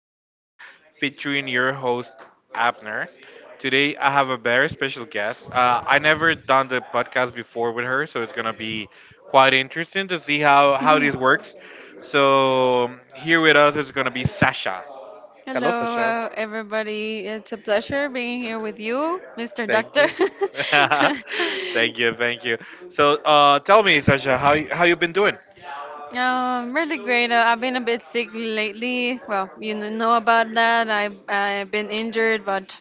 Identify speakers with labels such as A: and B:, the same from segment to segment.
A: podcast featuring your host, Abner. Today, I have a very special guest. I never done the podcast before with her, so it's gonna be quite interesting to see how this works. Here with us is gonna be Sasha. Hello,
B: Hello,
A: Sasha.
B: everybody. It's a pleasure being here with you, Mr.
A: Thank
B: Doctor.
A: you. thank you, thank you. Tell me, Sasha, how you been doing?
B: Really great. I've been a bit sick lately. Well, you know about that. I've been injured, but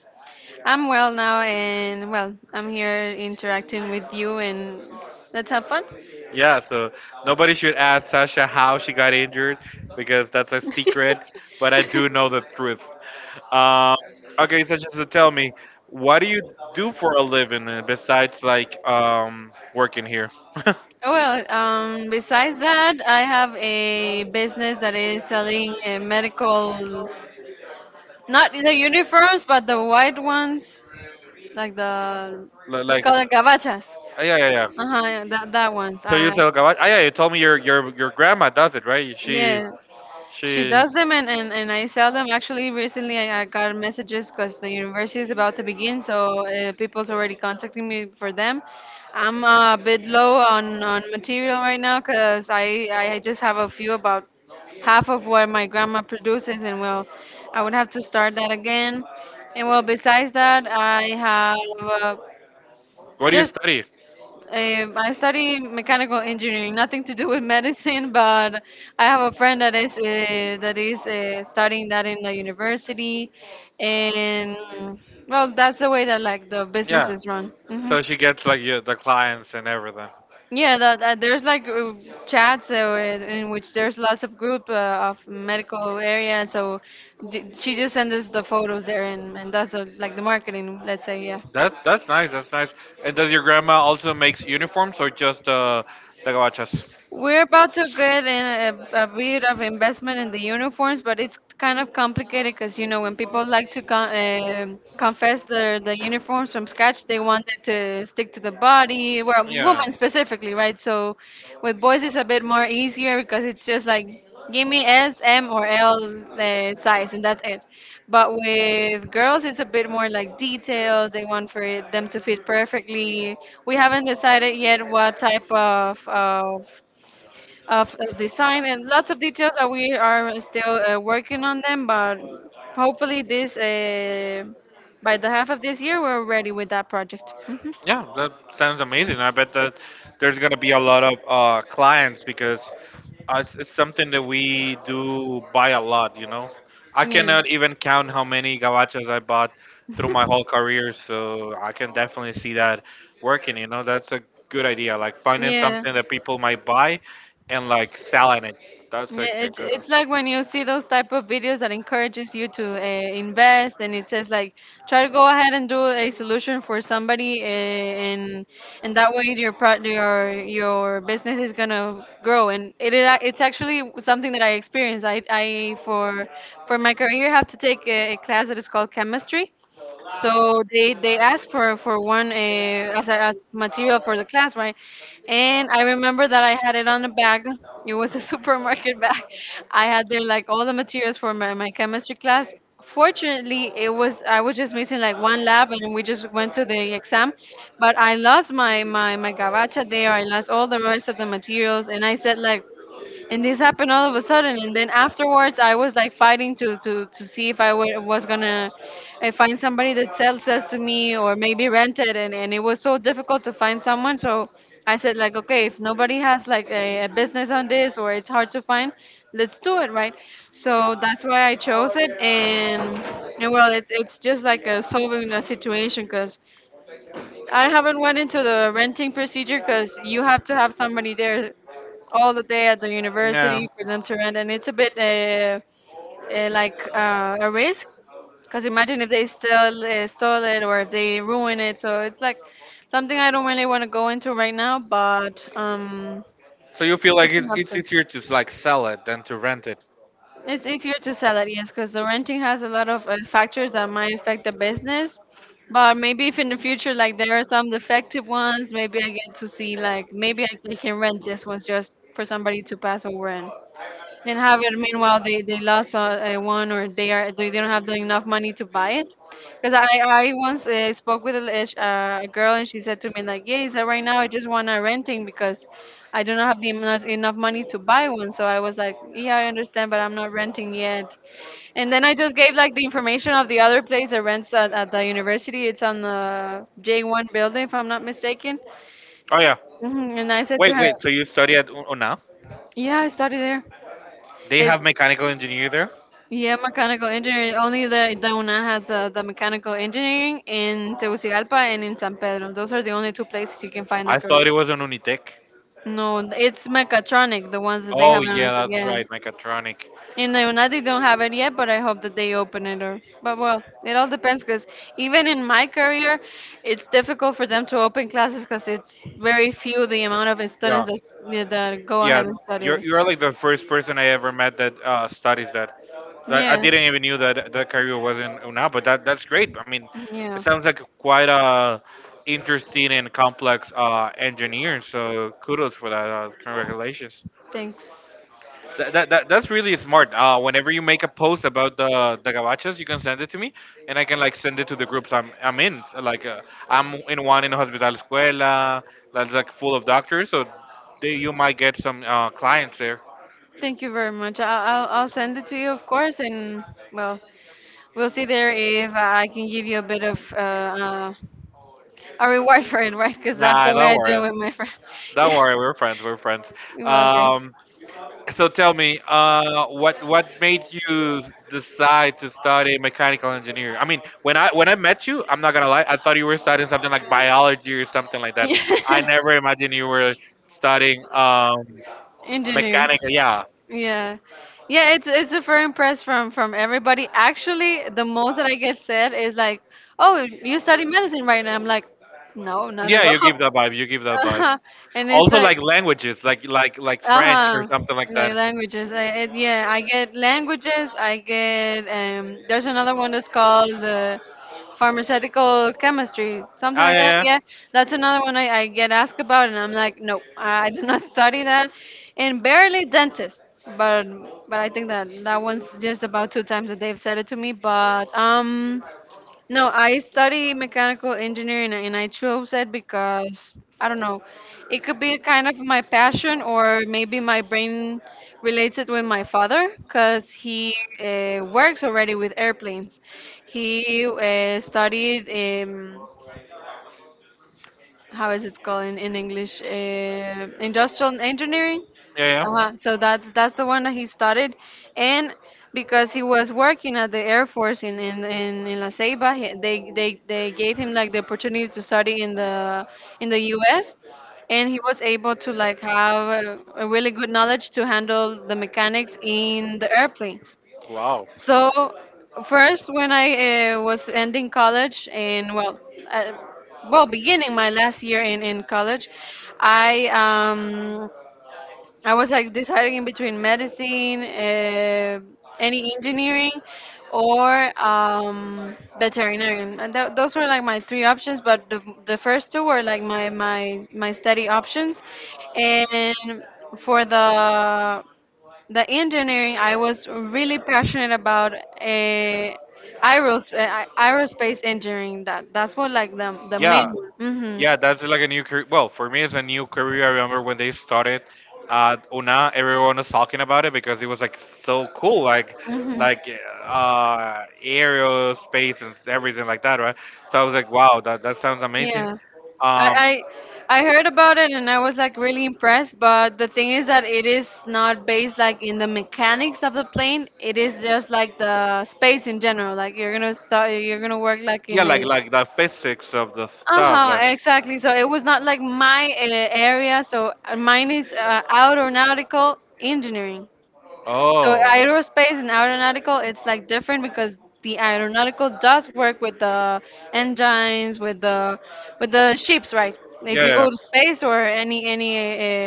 B: I'm well now, and well, I'm here interacting with you, and let's have fun.
A: Yeah, so nobody should ask Sasha how she got injured because that's a secret, but I do know the truth. Um, okay, Sasha, so tell me, what do you do for a living besides working here?
B: Well, besides that, I have a business that is selling medical, not the uniforms, but the white ones, like the,
A: Li-
B: we
A: like,
B: call
A: uh,
B: it gabachas.
A: yeah, yeah, yeah.
B: Uh-huh, yeah, that ones.
A: So you sell garbage? Ah, yeah, you told me your your grandma does it, right? She
B: Yeah, She
A: she.
B: does them, and I sell them. Actually, recently I got messages because the university is about to begin, so people's already contacting me for them. I'm a bit low on material right now because I just have a few, about half of what my grandma produces, and well, I would have to start that again. And well, besides that, I have uh,
A: What do you
B: just
A: study?
B: I study mechanical engineering, nothing to do with medicine, but I have a friend that is studying that in the university, and well, that's the way that like the business
A: Yeah.
B: is run.
A: So she gets like your, the clients and everything.
B: Yeah, that, that there's like chats in which there's lots of group of medical area, so d she just sends us the photos there, and does the, like the marketing, let's say, yeah.
A: That's nice. That's nice. And does your grandma also makes uniforms or just the gabachas?
B: We're about to get in a bit of investment in the uniforms, but it's kind of complicated because you know when people like to confess their the uniforms from scratch, they want it to stick to the body. Well,
A: Yeah.
B: women specifically, right? So with boys, it's a bit more easier because it's just like give me S, M, or L size, and that's it. But with girls, it's a bit more like details. They want for it, them to fit perfectly. We haven't decided yet what type of design and lots of details that we are still working on them, but hopefully this by the half of this year we're ready with that project. Mhm.
A: Yeah, that sounds amazing. I bet that there's gonna be a lot of clients because it's something that we do buy a lot. You know, I
B: Yeah.
A: cannot even count how many gabachas I bought through my whole career. So I can definitely see that working. You know, that's a good idea. Like finding
B: Yeah.
A: something that people might buy and like selling it. That's
B: Yeah,
A: like a
B: it's
A: good one.
B: it's like when you see those type of videos that encourages you to invest, and it says like try to go ahead and do a solution for somebody, and that way your your business is gonna grow. And it's actually something that I experienced. I For my career have to take a class that is called chemistry, so they asked for one as a as material for the class, right? And I remember that I had it on a bag. It was a supermarket bag. I had there like all the materials for my chemistry class. Fortunately, it was I was just missing like one lab, and we just went to the exam. But I lost my gabacha there. I lost all the rest of the materials, and I said like, and this happened all of a sudden, and then afterwards I was like fighting to see if I was gonna find somebody that sells that to me or maybe rent it, and it was so difficult to find someone. So I said like, okay, if nobody has like a business on this or it's hard to find, let's do it, right? So that's why I chose it, and well, it's just like a solving a situation, because I haven't went into the renting procedure because you have to have somebody there all the day at the
A: Yeah.
B: university for them to rent, and it's a bit a risk. Because imagine if they still stole it, or if they ruin it. So it's like something I don't really want to go into right now, but
A: So you feel like
B: it's
A: it's
B: an
A: it's
B: option.
A: easier to like sell it than to rent it.
B: It's easier to sell it, yes, because the renting has a lot of factors that might affect the business. But maybe if in the future, like there are some defective ones, maybe I get to see, like, maybe I can rent this one just for somebody to pass over and have it. Meanwhile, they lost one, or they are they don't have the enough money to buy it. Because I once spoke with a girl and she said to me like, yeah, he said right now I just want to renting because I do not have enough money to buy one. So I was like, yeah, I understand, but I'm not renting yet. And then I just gave like the information of the other place that rents at the university. It's on the J1 building, if I'm not mistaken.
A: Oh yeah.
B: And I said to
A: Wait,
B: her,
A: wait. So you study at UNA?
B: yeah, I study there.
A: They
B: It,
A: have mechanical engineering there?
B: Yeah, mechanical engineering. Only the UNA has the mechanical engineering in Tegucigalpa and in San Pedro. Those are the only two places you can find
A: I
B: that
A: thought
B: career.
A: it was an Unitec.
B: No, it's mechatronic, the ones that they
A: Oh
B: have on it.
A: yeah, that's
B: Yeah.
A: right, mechatronic.
B: In the UNA, they don't have it yet, but I hope that they open it. Or, but well, it all depends because even in my career, it's difficult for them to open classes because it's very few the amount of
A: Yeah,
B: students that, yeah, that go
A: yeah.
B: ahead and study
A: You're
B: it.
A: you're like the first person I ever met that studies that. I
B: Yeah,
A: didn't even knew that that career was in UNA, but that's great. I mean,
B: yeah.
A: it sounds like quite a interesting and complex engineer. So kudos for that. Congratulations.
B: Thanks.
A: That's really smart. Whenever you make a post about the gabachas, you can send it to me, and I can like send it to the groups I'm in. I'm in one in Hospital Escuela that's like full of doctors, so they, you might get some clients there.
B: Thank you very much. I'll send it to you, of course, and well, we'll see there if I can give you a bit of a reward for it, right? Because that's
A: Nah,
B: the way
A: don't
B: I
A: worry,
B: do it with my friend.
A: don't
B: Yeah,
A: worry. We're friends. We're friends.
B: well, great.
A: Um, So tell me, what made you decide to study mechanical engineering? I mean, when I met you, I'm not gonna lie, I thought you were studying something like biology or something like that. I
B: Yeah.
A: never imagined you were studying
B: Engineer.
A: mechanical. Yeah,
B: Yeah. Yeah, it's a firm press from everybody. Actually, the most that I get said is like, "Oh, you study medicine, right?" And I'm like, "No, not at
A: yeah, you give that vibe. You give that vibe.
B: all." And it's
A: Also,
B: like,
A: like languages, like French or
B: uh-huh.
A: something like
B: Like
A: that.
B: languages. Yeah, I get languages. I get there's another one that's called the pharmaceutical chemistry, something
A: Oh yeah,
B: like that.
A: yeah.
B: Yeah. That's another one I get asked about and I'm like, "No, I did not study that." And barely dentist. But but I think that that one's just about two times that they've said it to me, but no, I study mechanical engineering and I chose it because I don't know. It could be kind of my passion or maybe my brain relates it with my father because he works already with airplanes. He studied um, how is it called in English? Industrial engineering.
A: Yeah, yeah.
B: Uh-huh. So that's the one that he started, and because he was working at the Air Force in La Ceiba, he, they gave him like the opportunity to study in the U.S. and he was able to like have a really good knowledge to handle the mechanics in the airplanes.
A: Wow.
B: So, first, when I was ending college, and uh, well, beginning my last year in college, I um, I was like deciding in between medicine, any engineering, or veterinarian. And those were like my three options, but the first two were like my study options. And for the engineering, I was really passionate about aerospace engineering. That that's what like the main.
A: Yeah,
B: Mm-hmm.
A: yeah, that's like a new career. Well, for me, it's a new career. I remember when they started at Una, everyone was talking about it because it was like so cool, like
B: Mm-hmm.
A: like uh, aerospace and everything like that, right? So I was like, wow, that, that sounds amazing.
B: Yeah.
A: Um,
B: I, I heard about it and I was like really impressed, but the thing is that it is not based like in the mechanics of the plane. It is just like the space in general. Like you're gonna start, you're gonna work like
A: yeah,
B: in
A: like
B: a.
A: like the physics of the
B: Uh
A: stuff,
B: huh.
A: like
B: Exactly. So it was not like my area. So mine is aeronautical engineering. So
A: oh,
B: aerospace and aeronautical, it's like different because the aeronautical does work with the engines, with the ships, right? If
A: yeah,
B: you
A: yeah, yeah.
B: go to space or any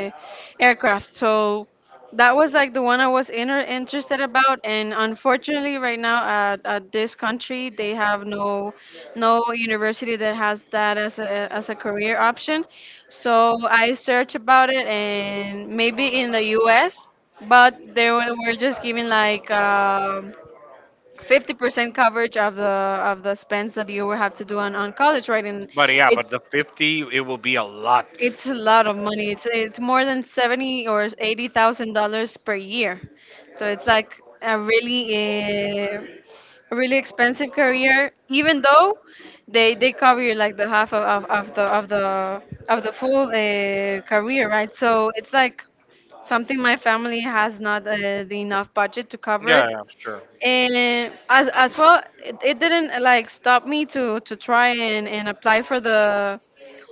B: aircraft, so that was like the one I was interested about. And unfortunately, right now at this country, they have no university that has that as a career option. So I searched about it, and maybe in the U.S, but they were just giving like 50% coverage of the spends that you will have to do on college, right? And
A: But yeah, but the 50, it will be a lot.
B: it's a lot of money. It's more than seventy or eighty thousand dollars per year. So it's like a really uh, a really expensive career, even though they cover you like the half of the full career, right? So it's like something my family has not the enough budget to cover it,
A: Yeah, yeah, sure.
B: and as well it didn't like stop me to try and apply for the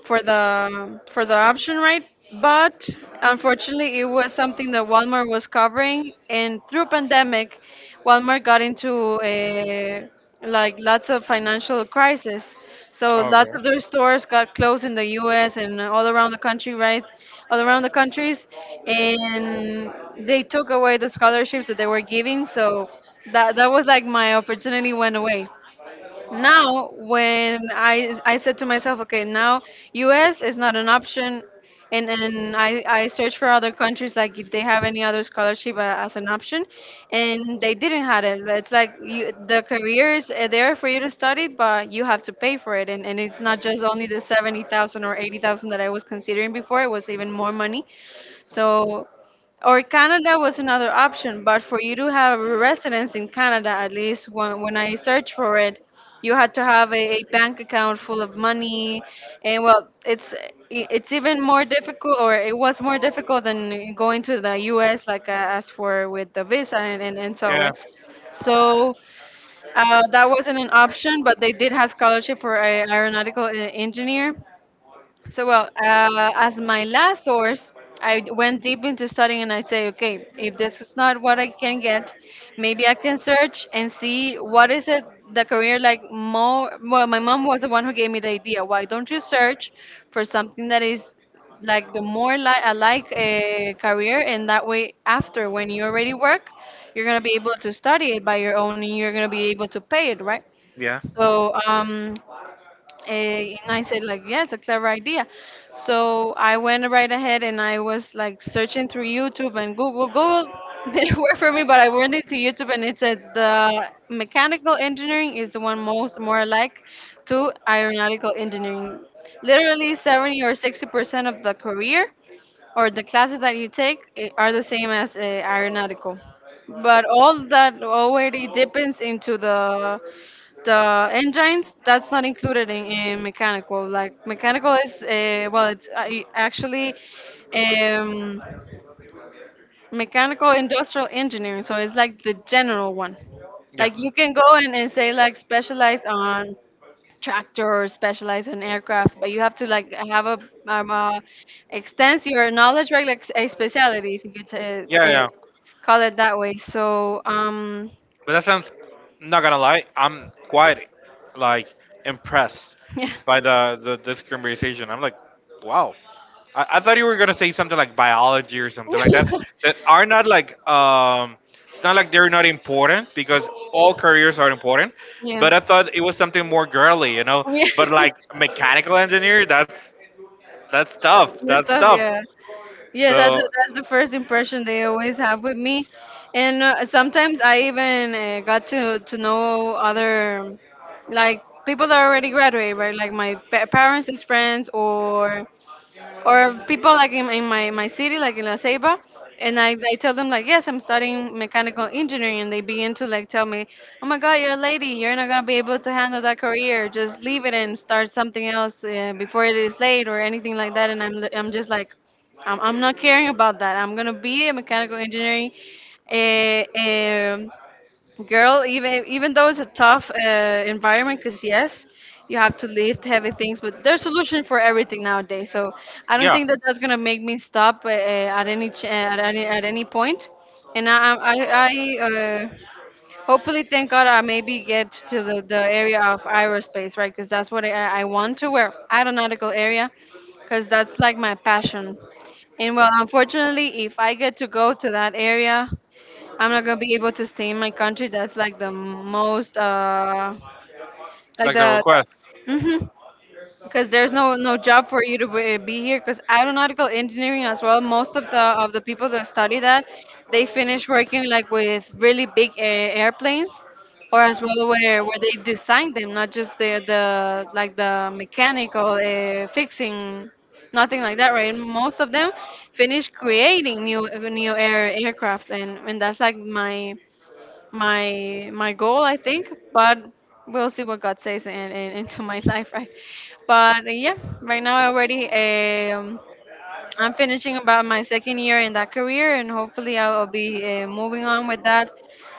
B: for the for the option, right? But unfortunately, it was something that Walmart was covering, and through pandemic, Walmart got into a like lots of financial crisis. So lots of their stores got closed in the U.S. and all around the country, right? All around the countries, and they took away the scholarships that they were giving. So that was like my opportunity went away. Now I said to myself, okay, now US is not an option. I searched for other countries, like if they have any other scholarship as an option, and they didn't have it. But it's like you, the career is there for you to study, but you have to pay for it, and it's not just only the 70,000 or 80,000 that I was considering before. It was even more money. So, or Canada was another option, but for you to have a residence in Canada, at least when I searched for it, you had to have a bank account full of money, and well, it's it's even more difficult, or it was more difficult than going to the U.S. Like I asked for with the visa and so,
A: Yeah.
B: right.
A: So
B: So that wasn't an option, but they did have scholarship for a aeronautical engineer. So, well, as my last source, I went deep into studying, and I say, okay, if this is not what I can get, maybe I can search and see what is it the career like more. Well, my mom was the one who gave me the idea. Why don't you search for something that is like the more alike career, and that way, after when you already work, you're gonna be able to study it by your own, and you're gonna be able to pay it, right?
A: yeah.
B: So um, and I said like, yeah, it's a clever idea. So I went right ahead, and I was like searching through YouTube and Google. Google didn't work for me, but I went into YouTube, and it said the mechanical engineering is the one most more like to aeronautical engineering. Literally 70 or 60% of the career or the classes that you take are the same as aeronautical. But all that already depends into the engines. That's not included in mechanical. Like mechanical is well, it's actually, um, mechanical industrial engineering, so it's like the general one.
A: Yeah.
B: Like you can go in and say like specialize on tractors, specialize in aircraft, but you have to like have a um, uh, extend your knowledge, right? Like a specialty, if you could
A: Yeah. Yeah.
B: call it that way.
A: But that sounds, not gonna lie, I'm quite like impressed
B: Yeah.
A: by the this conversation. I'm like, wow. I thought you were gonna say something like biology or something like that. That are not like, it's not like they're not important because all careers are important.
B: Yeah.
A: But I thought it was something more girly, you know. But
B: Yeah.
A: like mechanical engineer, that's tough.
B: And
A: That's
B: stuff.
A: tough.
B: Yeah, yeah.
A: So
B: That's the first impression they always have with me, and sometimes I even got to know other, like people that already graduated, right? Like my parents' friends, or people like in my, my city, like in La Ceiba, and I tell them like, yes, I'm studying mechanical engineering, and they begin to like tell me, oh my God, you're a lady, you're not gonna be able to handle that career. Just leave it and start something else before it is late or anything like that. And I'm just like, I'm not caring about that. I'm gonna be a mechanical engineering. Uh, um, Girl, even even though it's a tough environment, because yes, you have to lift heavy things, but there's solution for everything nowadays. So I don't think that that's going to make me stop at any point. I hopefully, thank God, I maybe get to the area of aerospace, right? Because that's what I want, to where aeronautical area, because that's like my passion. And well, unfortunately, if I get to go to that area, I'm not gonna be able to stay in my country. That's like the most, like
A: like the
B: the,
A: request. Request,
B: the mm-hmm. Because there's no job for you to be here. Because aeronautical engineering as well, most of the people that study that, they finish working like with really big airplanes, or as well where they design them, not just the like the mechanical fixing, nothing like that, right? Most of them finish creating new aircrafts, and that's like my goal, I think. But we'll see what God says and in into my life, right? but Yeah. Right now, I already I'm finishing about my second year in that career, and hopefully I'll be moving on with that.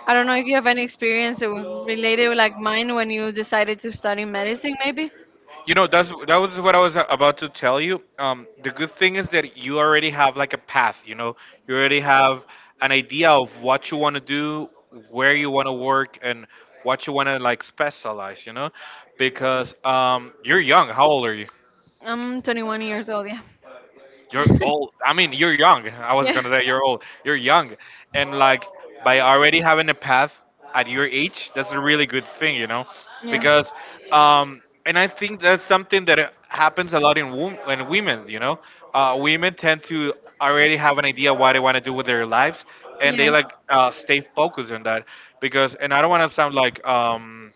B: I don't know if you have any experience related with, like mine, when you decided to study medicine maybe.
A: you know that was what I was about to tell you. The good thing is that you already have like a path, you know, you already have an idea of what you want to do, where you want to work, and what you want to like specialize, you know, because you're young. How old are you?
B: I'm 21 years old. Yeah,
A: You're old. I mean, you're young. I was
B: yeah.
A: gonna say you're old. You're young, and like by already having a path at your age, that's a really good thing, you know,
B: Yeah.
A: because
B: Yeah.
A: and I think that's something that happens a lot in in women, you know. Women tend to already have an idea what they want to do with their lives, and they
B: Yeah.
A: like stay focused on that because, and I don't want to sound like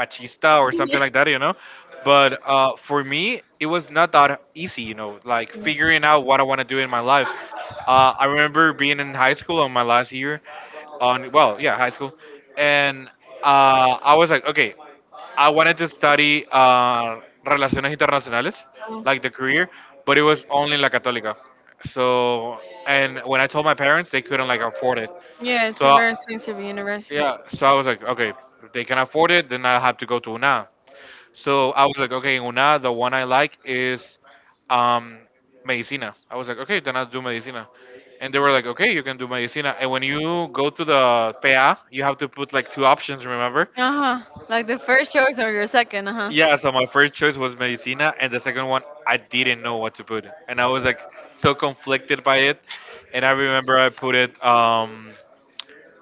A: machista or something like that, you know. But for me, it was not that easy, you know, like figuring out what I want to do in my life. I remember being in high school on my last year, on well, yeah, high school, and I was like, okay, I wanted to study relaciones internacionales,
B: Oh.
A: like the career, but it was only in La Católica. So, and when I told my parents, they couldn't like afford it.
B: Yeah, it's a
A: So
B: very expensive university.
A: yeah, so I was like, okay, if they can afford it, then I'll have to go to UNA. So I was like, okay, in UNA, the one I like is um, Medicina. I was like, okay, then I'll do Medicina. And they were like, okay, you can do Medicina. And when you go to the PA, you have to put like two options, remember?
B: Uh-huh. Like the first choice or your second, uh-huh.
A: Yeah, so my first choice was Medicina, and the second one, I didn't know what to put. And I was like so conflicted by it. And I remember I put it um,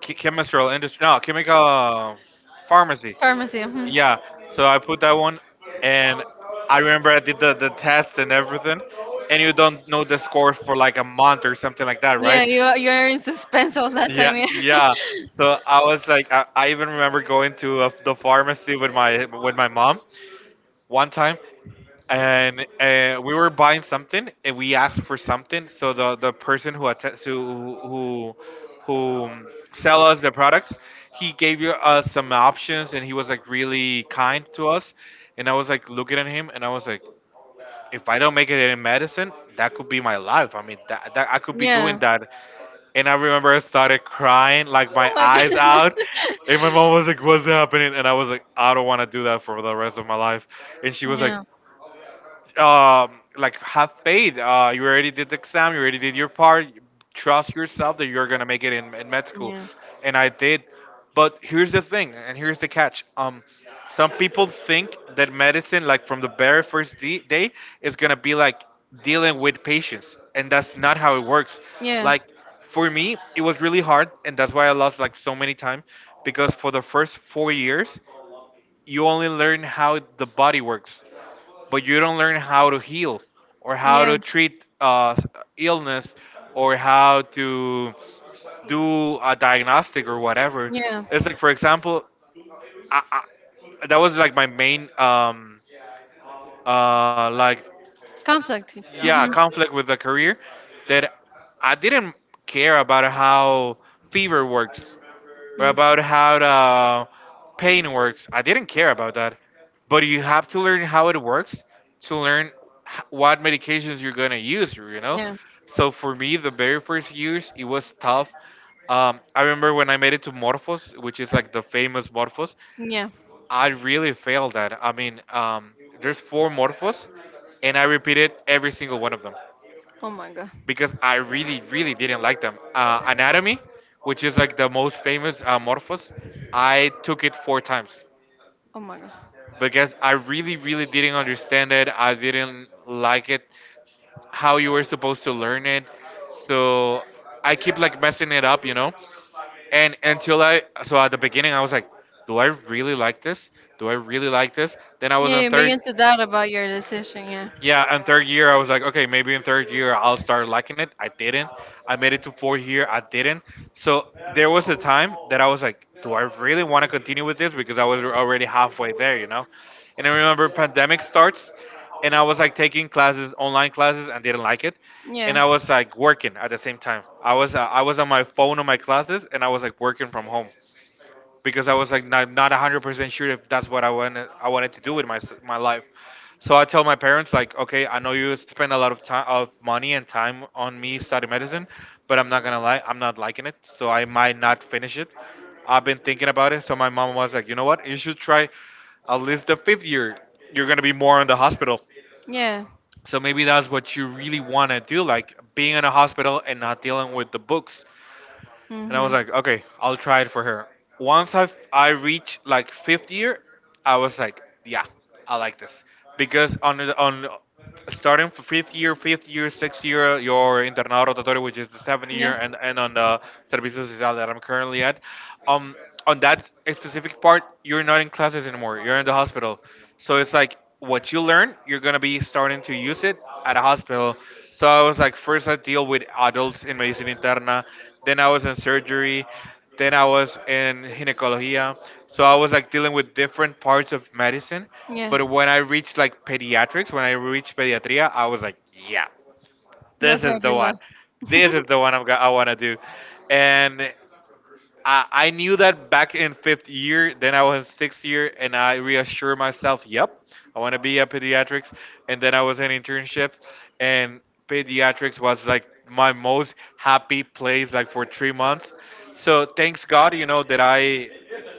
A: ch- chemical industry, no, chemical pharmacy.
B: Pharmacy. Mhm.
A: Yeah, so I put that one, and I remember I did the test and everything, and you don't know the score for like a month or something like that, right?
B: Yeah, you are in suspense all that
A: Yeah,
B: time. Yeah.
A: yeah. So I was like, I even remember going to the pharmacy with my mom one time, and we were buying something and we asked for something so the person who att- who sell us the products. He gave you us some options and he was like really kind to us. And I was like looking at him and I was like, if I don't make it in medicine, that could be my life. I mean, that I could be doing
B: Yeah.
A: that. And I remember I started crying like my
B: Oh my
A: eyes out,
B: God.
A: and my mom was like, what's happening? And I was like, I don't want to do that for the rest of my life. And she was like, like have paid. You already did the exam, you already did your part, trust yourself that you're gonna make it in med school.
B: Yeah.
A: And
B: Yeah.
A: I did. But here's the thing and here's the catch. Some people think that medicine like from the very day is gonna be like dealing with patients, and that's not how it works.
B: Yeah.
A: Like for me it was really hard, and that's why I lost like so many times, because for the first 4 years you only learn how the body works, but you don't learn how to heal or how
B: Yeah.
A: to treat illness or how to do a diagnostic or whatever.
B: Yeah.
A: It's like, for example, I, I, that was like my main, uh, like,
B: Conflict.
A: yeah,
B: Yeah, mhm.
A: conflict with the career, that I didn't care about how fever works,
B: Mm.
A: about how the pain works. I didn't care about that, but you have to learn how it works to learn what medications you're gonna use. You know,
B: Yeah.
A: so for me, the very first years it was tough. I remember when I made it to Morphos, which is like the famous Morphos.
B: Yeah.
A: I really failed that. I mean, there's four Morphos, and I repeated every single one of them
B: Oh my God.
A: because I really, really didn't like them. Anatomy, which is like the most famous Morphos, I took it four times
B: Oh my God.
A: because I really, really didn't understand it. I didn't like it, how you were supposed to learn it. So I keep like messing it up, you know? And until I, so at the beginning, I was like, do I really like this? Do I really like this? Then I was
B: Yeah,
A: on
B: you
A: third.
B: begin to doubt about your decision.
A: Yeah, and third year I was like, okay, maybe in third year I'll start liking it. I didn't. I made it to fourth year. I didn't. So there was a time that I was like, do I really want to continue with this? Because I was already halfway there, you know. And I remember pandemic starts, and I was like taking classes, online classes, and didn't like it. And
B: Yeah.
A: I was like working at the same time. I was on my phone on my classes, and I was like working from home because I was like not 100% sure if that's what I wanted to do with my my life. So I tell my parents like, okay, I know you spend a lot of time of money and time on me studying medicine, but I'm not gonna lie, I'm not liking it, so I might not finish it. I've been thinking about it, so my mom was like, you know what, you should try at least the fifth year. You're gonna be more in the hospital.
B: Yeah. Yeah.
A: So maybe that's what you really want to do, like being in a hospital and not dealing with the books, and I was like, okay, I'll try it for her. Once I reached like fifth year, I was like, yeah, I like this because on starting from fifth year, sixth year, your internado rotatorio, which is the seventh year, and on the servicio social that I'm currently at, um, on that specific part, you're not in classes anymore. You're in the hospital. So it's like what you learn, you're gonna be starting to use it at a hospital. So I was like, first I deal with adults in medicina interna, then I was in surgery, then I was in ginecologia. So I was like dealing with different parts of medicine. But when I reached like pediatrics, when I reached pediatria, I was like, yeah,
B: That's this
A: this
B: where
A: is
B: is you
A: the one.
B: the left.
A: This is the one I want to do. And I knew that back in fifth year, then I was in sixth year, and I reassured myself, yep, I want to be a pediatrics. And then I was in internships, and pediatrics was like my most happy place, like for 3 months. So thanks God, you know, that I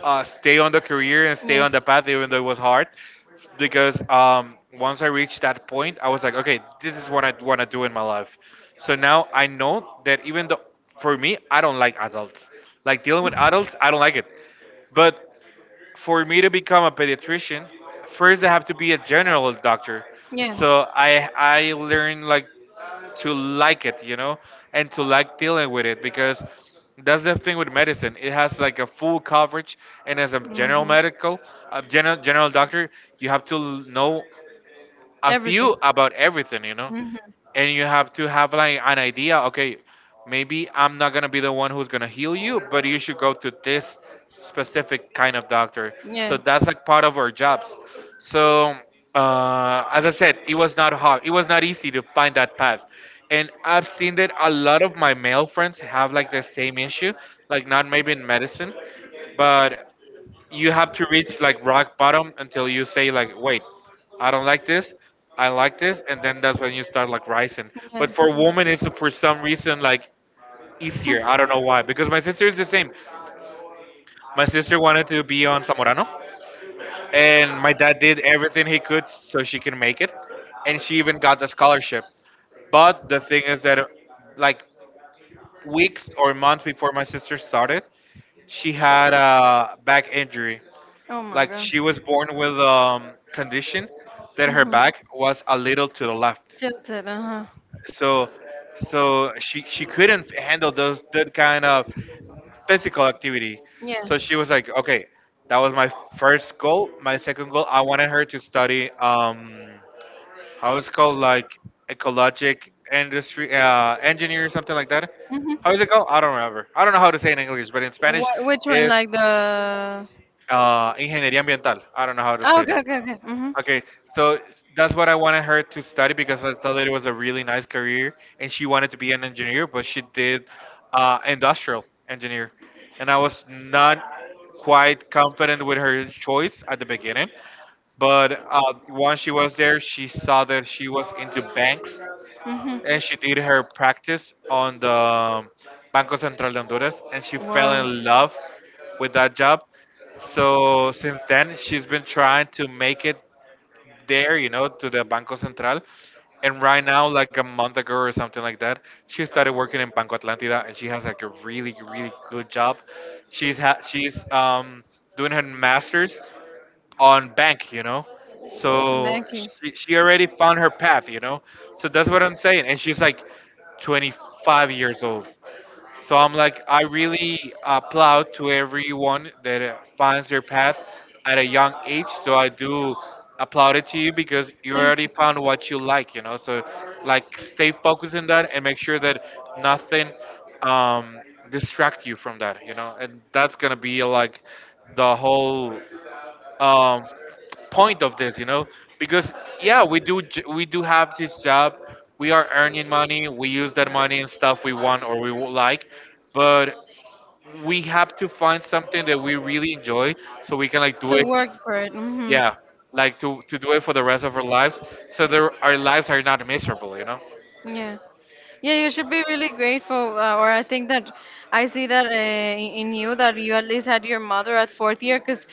A: stay on the career and stay on the path, even though it was hard because once I reached that point, I was like, okay, this is what I want to do in my life. So now I know that even though for me, I don't like adults. Like dealing with adults, I don't like it. But for me to become a pediatrician, first I have to be a general doctor.
B: Yeah.
A: So I learned like to like it, you know, and to like dealing with it because that's the thing with medicine. It has like a full coverage, and as a general medical, a general doctor, you have to know a
B: Everything.
A: few about everything, you know?
B: Hmm.
A: And you have to have like an idea, okay, maybe I'm not gonna be the one who's gonna heal you, but you should go to this specific kind of doctor. So
B: Yeah.
A: that's like part of our jobs. So as I said, it was not hard. It was not easy to find that path. And I've seen that a lot of my male friends have like the same issue, like not maybe in medicine, but you have to reach like rock bottom until you say like, wait, I don't like this, I like this, and then that's when you start like rising.
B: Yeah.
A: But
B: For.
A: for women it's for some reason like easier. I don't know why, because my sister is the same. My sister wanted to be on Zamorano, and my dad did everything he could so she can make it, and she even got the scholarship. But the thing is that, like, weeks or months before my sister started, she had a back injury.
B: Oh my
A: Like
B: God.
A: she was born with condition that her
B: Mhm.
A: back was a little to the left.
B: Tilted, uh huh.
A: So so she couldn't handle those that kind of physical activity.
B: Yeah.
A: So she was like, okay, that was my first goal. My second goal, I wanted her to study how it's called, like ecologic industry engineer or something like that.
B: Mm-hmm.
A: How is it called? I don't remember. I don't know how to say it in English, but in Spanish
B: What, which one?
A: is
B: Like the.
A: ingeniería ambiental. I don't know how to
B: Oh,
A: say
B: okay,
A: that.
B: okay, okay. Mm-hmm.
A: Okay, so that's what I wanted her to study because I thought that it was a really nice career, and she wanted to be an engineer, but she did industrial engineer, and I was not quite confident with her choice at the beginning. But once she was there, she saw that she was into banks,
B: Hmm.
A: and she did her practice on the Banco Central de Honduras, and she fell in love with that job. So since then, she's been trying to make it there, you know, to the Banco Central. And right now, like a month ago or something like that, she started working in Banco Atlantida, and she has like a really, really good job. She's doing her master's on bank, you know. So
B: Banking.
A: she already found her path, you know. So that's what I'm saying. And she's like 25 years old. So I'm like, I really applaud to everyone that finds their path at a young age. So I do applaud it to you because you already found what you like, you know. So like, stay focused on that and make sure that nothing um, distract you from that, you know. And that's gonna be like the whole um, point of this, you know, because yeah, we do have this job, we are earning money, we use that money in stuff we want or we would like, but we have to find something that we really enjoy so we can like do
B: To
A: it,
B: work for it. Hmm.
A: yeah, like to do it for the rest of our lives, so that our lives are not miserable, you know.
B: Yeah. Yeah, you should be really grateful. Or I think that I see that in you that you at least had your mother at fourth year. Because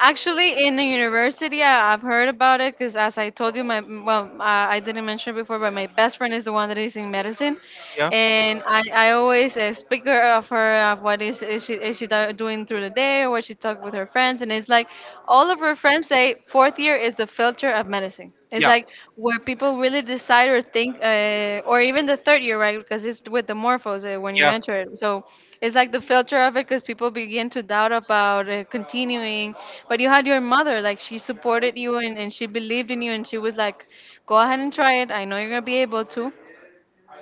B: actually, in the university, I've heard about it. Because as I told you, my well, I didn't mention it before, but my best friend is the one that is in medicine,
A: Yeah.
B: and I always speak her of what is doing through the day or what she talk with her friends, and it's like all of her friends say fourth year is the filter of medicine. It's
A: Yeah.
B: like where people really decide or think, or even the third year, right? Because it's with the morphos when you,
A: Yeah. Yeah.
B: yeah, enter it. So it's like the filter of it, because people begin to doubt about continuing. But you had your mother, like she supported you, and she believed in you, and she was like, go ahead and try it. I know you're going to be able to,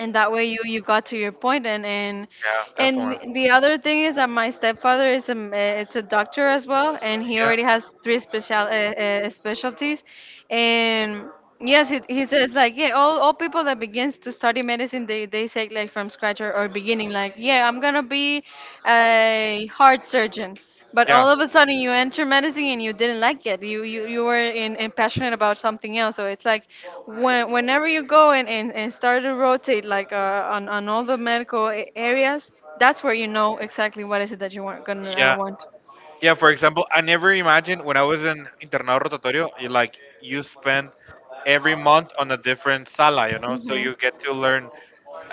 B: and that way you got to your point,
A: Definitely.
B: and the other thing is that my stepfather is a is a doctor as well, and he
A: Yeah.
B: already has three special specialties. And yes, he says like, yeah, all people that begins to study medicine, they say like from scratch, or beginning, like yeah, I'm gonna be a heart surgeon. But
A: Yeah.
B: all of a sudden, you enter medicine, and you didn't like it. You were in passionate about something else. So it's like whenever you go and, and start to rotate, like on all the medical areas, that's where you know exactly what is it that you want gonna
A: Yeah.
B: want.
A: Yeah, for example, I never imagined when I was in internado rotatorio, you like you spend every month on a different sala, you know, so
B: Hmm.
A: you get to learn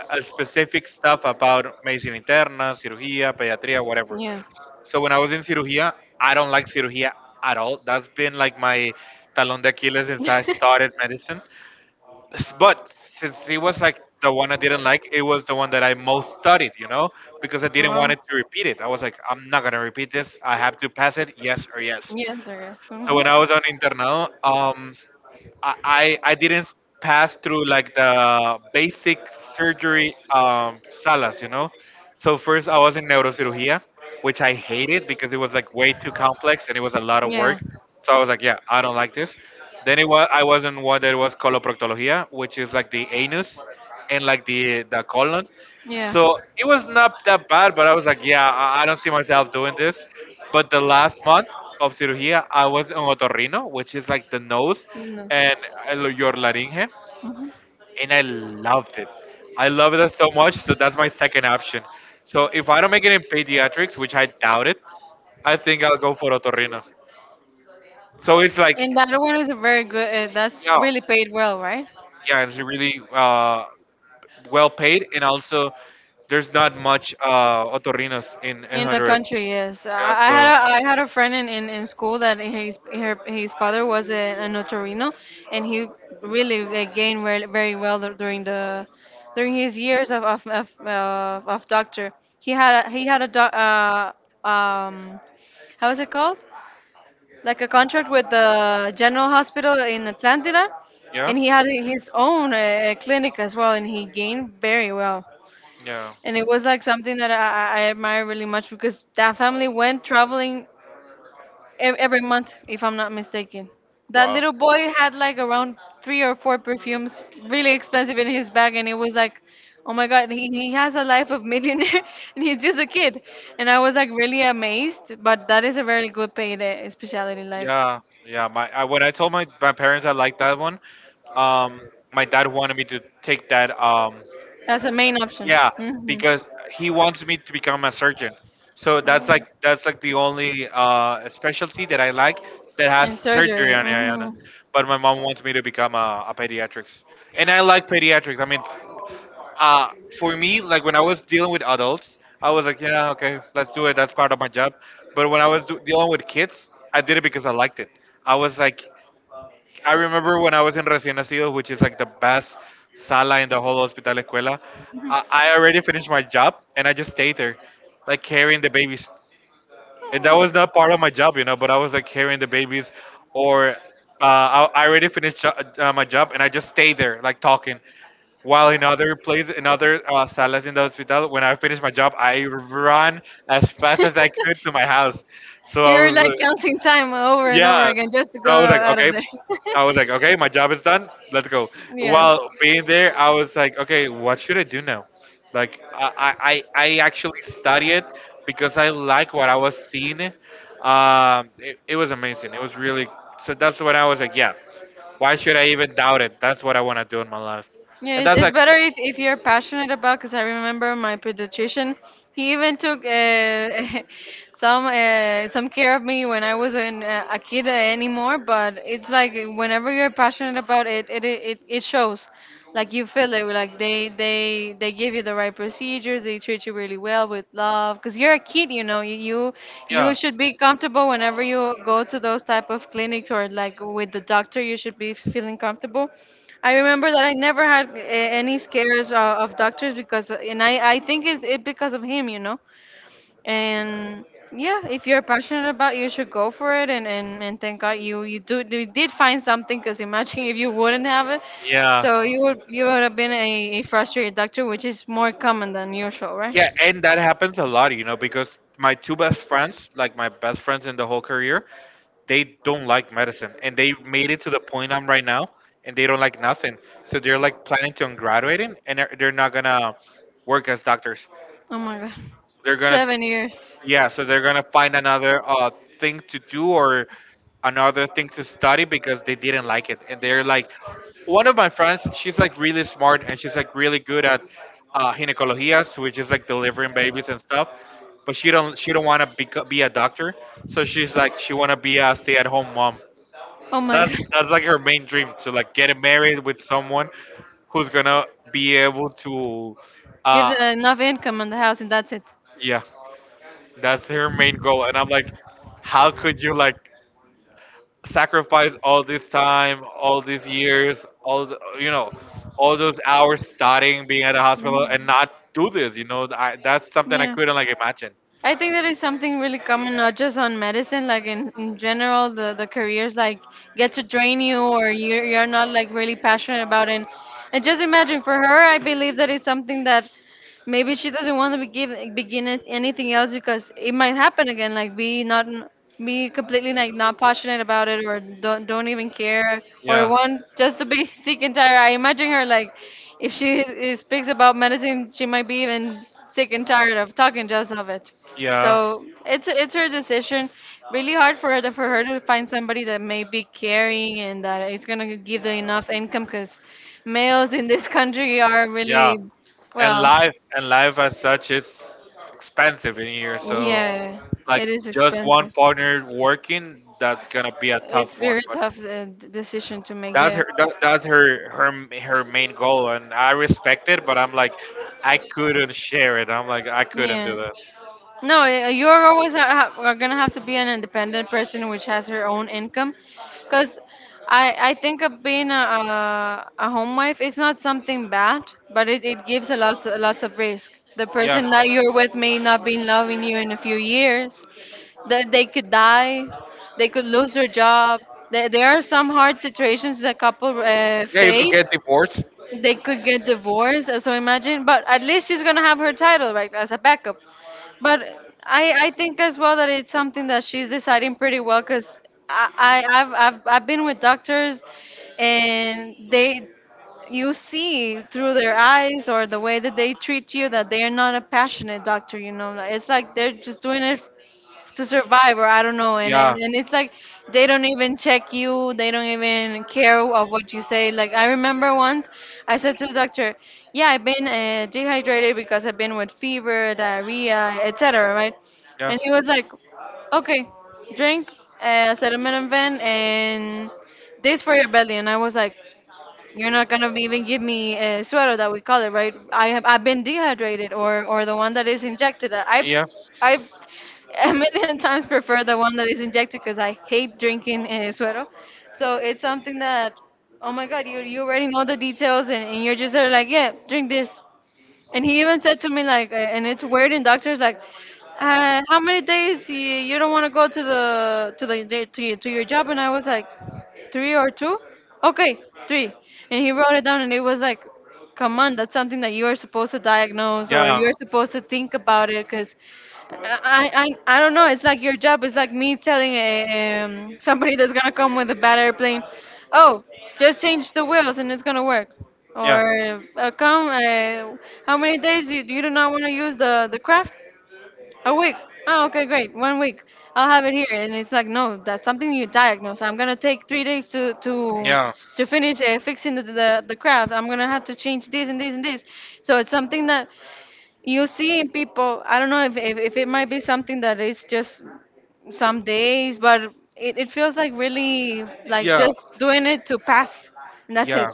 A: a specific stuff about medicina interna, cirugía, pediatría, whatever.
B: Yeah.
A: So when I was in cirugía, I don't like cirugía at all. That's been like my talon de Achilles since I started medicine. But since it was like the one I didn't like, it was the one that I
B: Oh,
A: most studied, you know, because I didn't want it to repeat it. I was like, I'm not gonna repeat this. I have to pass it, yes or yes.
B: yes, I guess.
A: So
B: Hmm.
A: when I was on internado, I didn't pass through like the basic surgery salas, you know. So first I was in neurocirugía, which I hated because it was like way too complex and it was a lot of work.
B: Yeah,
A: So I was like, yeah, I don't like this. Then it was I was in one that was coloproctología, which is like the anus and like the colon.
B: yeah.
A: So it was
B: No.
A: not that bad, but I was like, yeah, I don't see myself doing this. But the last month of cirugía, I was on otorrino, which is like the nose and your larynx,
B: Mhm.
A: and I loved it. I love it so much, so that's my second option. So if I don't make it in pediatrics, which I doubt it, I think I'll go for otorrino. So it's like,
B: And that one is a very good. That's
A: yeah,
B: really paid well, right?
A: yeah, it's really well paid, and also there's not much otorrinos in
B: In the
A: Honduras.
B: country, yes.
A: Yeah, so
B: I had a friend in school that his father was a notarino, and he really gained very, very well during the during his years of doctor. He had a doc, um how is it called? Like a contract with the General Hospital in Atlanta,
A: yeah,
B: and he had his own clinic as well, and he gained very well,
A: yeah.
B: and it was like something that I admire really much, because that family went traveling every month, if I'm not mistaken. That
A: Wow.
B: little boy had like around three or four perfumes, really expensive in his bag, and it was like, oh my God, he has a life of millionaire, and he's just a kid. And I was like really amazed, but that is a very good paid specialty. Like
A: Yeah, yeah. My I, when I told my, my parents I liked that one, um, my dad wanted me to take that.
B: that's a main option.
A: Yeah,
B: Hmm.
A: because he wants me to become a surgeon. So that's like the only specialty that I like that has
B: In
A: surgery
B: surgery.
A: on it. On
B: Hmm.
A: it. But my mom wants me to become a pediatrics, and I like pediatrics. I mean, uh for me, like when I was dealing with adults I was like, yeah, okay, let's do it, that's part of my job, but when I was dealing with kids I did it because I liked it. I was like, I remember when I was in recién nacido, which is like the best sala in the whole hospital escuela, I already finished my job and I just stayed there like carrying the babies, and that was not part of my job, you know. But I was like carrying the babies, or I already finished my job, and I just stayed there, like talking. While in other places, in other salas in the hospital, when I finished my job, I ran as fast as I could to my
B: Oh.
A: house. So I
B: You're
A: was
B: like counting time over and over
A: yeah.
B: again just to
A: So
B: go
A: I was like,
B: out of
A: okay.
B: there.
A: I was like, okay, my job is done. Let's go.
B: Yeah.
A: While being there, I was like, okay, what should I do now? Like, I actually studied because I like what I was seeing. It was amazing. It was really. So that's when I was like, yeah. Why should I even doubt it? That's what I want to do in my life.
B: Yeah,
A: And that's
B: it's
A: like,
B: better if you're passionate about. Because I remember my pediatrician, he even took some care of me when I was in, a kid anymore. But it's like whenever you're passionate about it, it it shows. Like you feel it. Like they give you the right procedures. They treat you really well with love. Because you're a kid, you know. You
A: yeah,
B: should be comfortable whenever you go to those type of clinics or like with the doctor. You should be feeling comfortable. I remember that I never had a- any scares of doctors because, and I think it's it because of him, you know. And yeah, if you're passionate about, it, you should go for it. And thank God you did find something because imagine if you wouldn't have it,
A: yeah.
B: so you would have been a frustrated doctor, which is more common than usual, right?
A: Yeah, and that happens a lot, you know, because my two best friends, like my best friends in the whole career, they don't like medicine and they made it to the point I'm right now and they don't like nothing. So they're like planning to on graduating and they're not gonna work as doctors.
B: Oh my God,
A: They're gonna
B: 7 years.
A: yeah, so they're gonna find another thing to do or another thing to study because they didn't like it, and they're like, one of my friends, she's like really smart and she's like really good at gynecologias, which is like delivering babies and stuff, but she don't want to be a doctor, so she's like she want to be a stay-at-home mom.
B: Oh my
A: That's
B: god.
A: that's like her main dream to like get married with someone who's gonna be able to,
B: Give
A: uh,
B: the, enough income on the house and that's it.
A: yeah. That's her main goal. And I'm like, how could you like sacrifice all this time, all these years, all the, you know, all those hours studying, being at a hospital, and
B: Mhm.
A: not do this? You know, that's something I
B: Yeah.
A: couldn't like imagine.
B: I think that is something really common, not just on medicine, like in general, the careers like get to drain you or you're not like really passionate about it. And just imagine for her, I believe that is something that maybe she doesn't want to anything else because it might happen again. Like be not be completely like not passionate about it or don't even care or
A: Yeah,
B: want just to be sick and tired. I imagine her like if she is, speaks about medicine, she might be even sick and tired of talking just of it.
A: yeah.
B: So it's her decision. Really hard for her to find somebody that may be caring and that is gonna give them enough income because males in this country are
A: Yeah,
B: really well,
A: and life as such is expensive in here. So
B: yeah, it
A: like
B: is
A: just one
B: expensive.
A: partner working, that's gonna be a
B: It's
A: tough one.
B: very
A: But
B: tough decision to make.
A: that's
B: Yeah,
A: her that, that's her her her main goal, and I respect it. But I'm like, I couldn't share it. I'm like, I couldn't
B: yeah.
A: do that.
B: No, y- you're always a- ha- are gonna have to be an independent person which has her own income, because I think of being a home wife is not something bad, but it gives a lots of risk. The
A: Yeah,
B: person that you're with may not be loving you in a few years. They could die, they could lose their job. There are some hard situations that couple
A: yeah, you could
B: face
A: get divorced.
B: they could get divorced. So imagine, but at least she's gonna have her title right as a backup. But I think as well that it's something that she's deciding pretty well because I, I've been with doctors and they you see through their eyes or the way that they treat you that they are not a passionate doctor you know like, it's like they're just doing it to survive or I don't know and,
A: Yeah.
B: and and it's like they don't even check you they don't even care of what you say like I remember once I said to the doctor yeah I've been dehydrated because I've been with fever diarrhea etc right and he was like okay drink uh, acetaminophen and this for your belly and I was like you're not gonna even give me a sweater that we call it, right? I've been dehydrated or the one that is injected. I a million times prefer the one that is injected because I hate drinking suero. So it's something that oh my god, you already know the details and you're just sort like yeah, drink this. And he even said to me like, and it's weird in doctors like. How many days you don't want to go to the to to your job and I was like three or two? Okay, three. And he wrote it down, and it was like, come on, that's something that you are supposed to diagnose or you're supposed to think about it because. I, I don't know. It's like your job is like me telling somebody that's gonna come with a bad airplane, oh, just change the wheels and it's gonna work.
A: Yeah.
B: Or how many days you do not want to use the craft? A week. Oh, okay, great. One week. I'll have it here. And it's like, no, that's something you diagnose. I'm gonna take 3 days to to
A: Yeah.
B: to finish fixing the craft. I'm gonna have to change this and this and this. So it's something that you see in people. I don't know if if it might be something that is just some days, but it feels like really like
A: Yeah.
B: just doing it to pass, and that's it.
A: Yeah.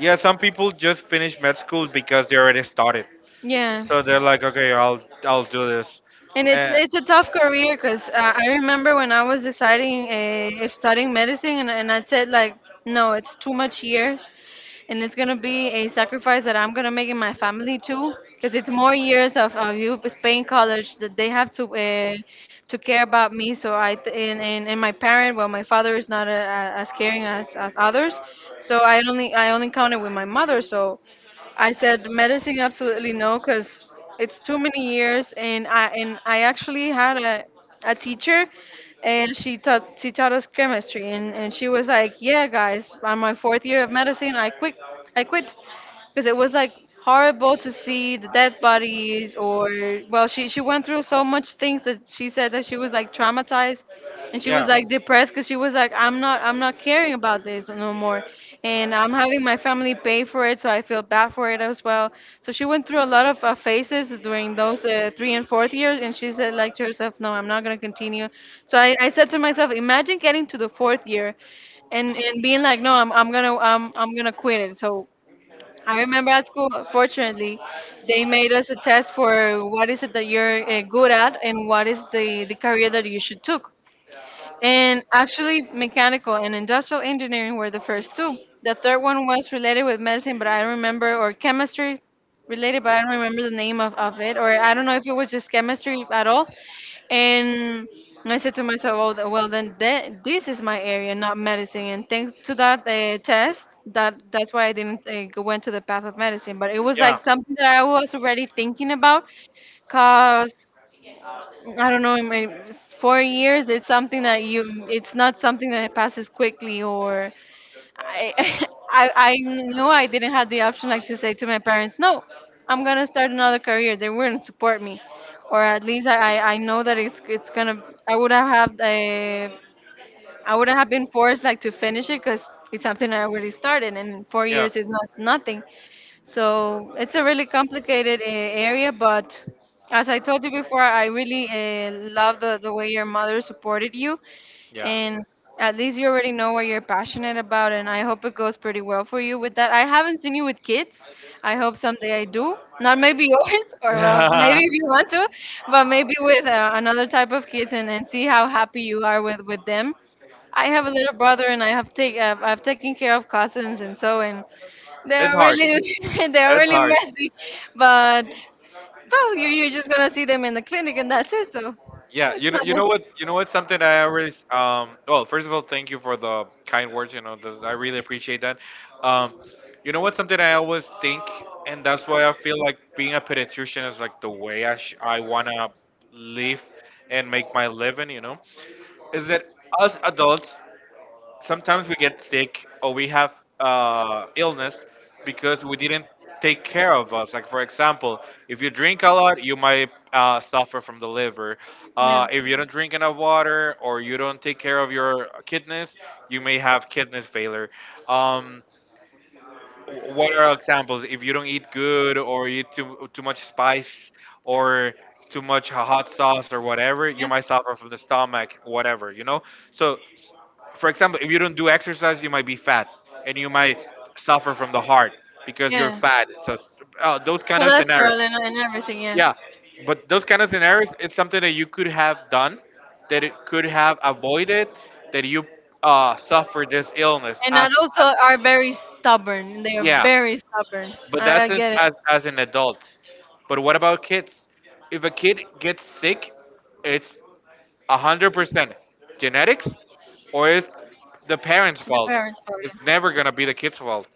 A: Yeah, some people just finish med school because they already started.
B: Yeah.
A: So they're like, okay, I'll do this.
B: And it's
A: Uh,
B: it's a tough career because I remember when I was deciding if studying medicine, and I said like, no, it's too much years, and it's gonna be a sacrifice that I'm gonna make in my family too, because it's more years of you paying college that they have to care about me. So I th- and my parent, well, my father is not as caring as others, so I only counted with my mother. So I said medicine absolutely no because it's too many years and I actually had a teacher and she taught us chemistry and she was like yeah guys on my fourth year of medicine I quit because it was like horrible to see the dead bodies or well she went through so much things that she said that she was like traumatized and she was like depressed because she was like I'm not caring about this no more and I'm having my family pay for it so I feel bad for it as well. So she went through a lot of phases during those three and fourth years and she said like to herself no I'm not going to continue. So I said to myself imagine getting to the 4th year and being like no I'm gonna quit it. So I remember at school, fortunately, they made us a test for what is it that you're good at and what is the career that you should took. And actually, mechanical and industrial engineering were the first two. The third one was related with medicine, but I don't remember, or chemistry related, but I don't remember the name of it, or I don't know if it was just chemistry at all. And I said to myself, well, this is my area, not medicine. And thanks to that test, that's why I didn't went to the path of medicine. But it was like something that I was already thinking about, cause I don't know, in my 4 years, it's something that you, it's not something that passes quickly, or I, I knew I didn't have the option like to say to my parents, no, I'm gonna start another career. They wouldn't support me, or at least I, I know that it's gonna, I would have had I wouldn't have been forced like to finish it because it's something I already started, and four
A: Yeah.
B: years is not nothing. So it's a really complicated area, but as I told you before, I really love the way your mother supported you,
A: Yeah.
B: and at least you already know what you're passionate about, and I hope it goes pretty well for you with that. I haven't seen you with kids. I hope someday I do. Not maybe yours, or well, maybe if you want to, but maybe with another type of kids, and see how happy you are with them. I have a little brother, and I've taken care of cousins and so, and
A: It's
B: they're
A: hard.
B: really they're
A: It's
B: really
A: hard.
B: messy, but well, you you're just gonna see them in the clinic, and that's it. So
A: Yeah,
B: it's
A: you know, you know what? Something I always, well, first of all, thank you for the kind words. You know, those, I really appreciate that. Um, you know what? Something I always think, and that's why I feel like being a pediatrician is like the way I wanna live and make my living. You know, is that us adults
B: not
A: sometimes we get sick or we
B: as.
A: have illness because we didn't take care of us. Like for example, if you drink a lot, you might suffer from the liver.
B: Yeah.
A: If you don't drink enough water or you don't take care of your kidneys, you may have kidney failure. Um, what are examples? If you don't eat good or you eat too much spice or too much hot sauce or whatever, you
B: Yeah.
A: might suffer from the stomach, whatever, you know? So, for example, if you don't do exercise, you might be fat and you might suffer from the heart because you're
B: Yeah.
A: fat. So, those kind of scenarios.
B: Cholesterol and everything. Yeah.
A: Yeah. But those kind of scenarios, it's something that you could have done, that it could have avoided, that you suffer this illness
B: And
A: as,
B: adults
A: as
B: are very stubborn. They are
A: yeah.
B: very stubborn.
A: But
B: I
A: that's as,
B: get it.
A: as as an adult. But what about kids? If a kid gets sick, it's 100% genetics, or it's the
B: The
A: parents' fault.
B: parents' fault.
A: It's never gonna be the kid's fault.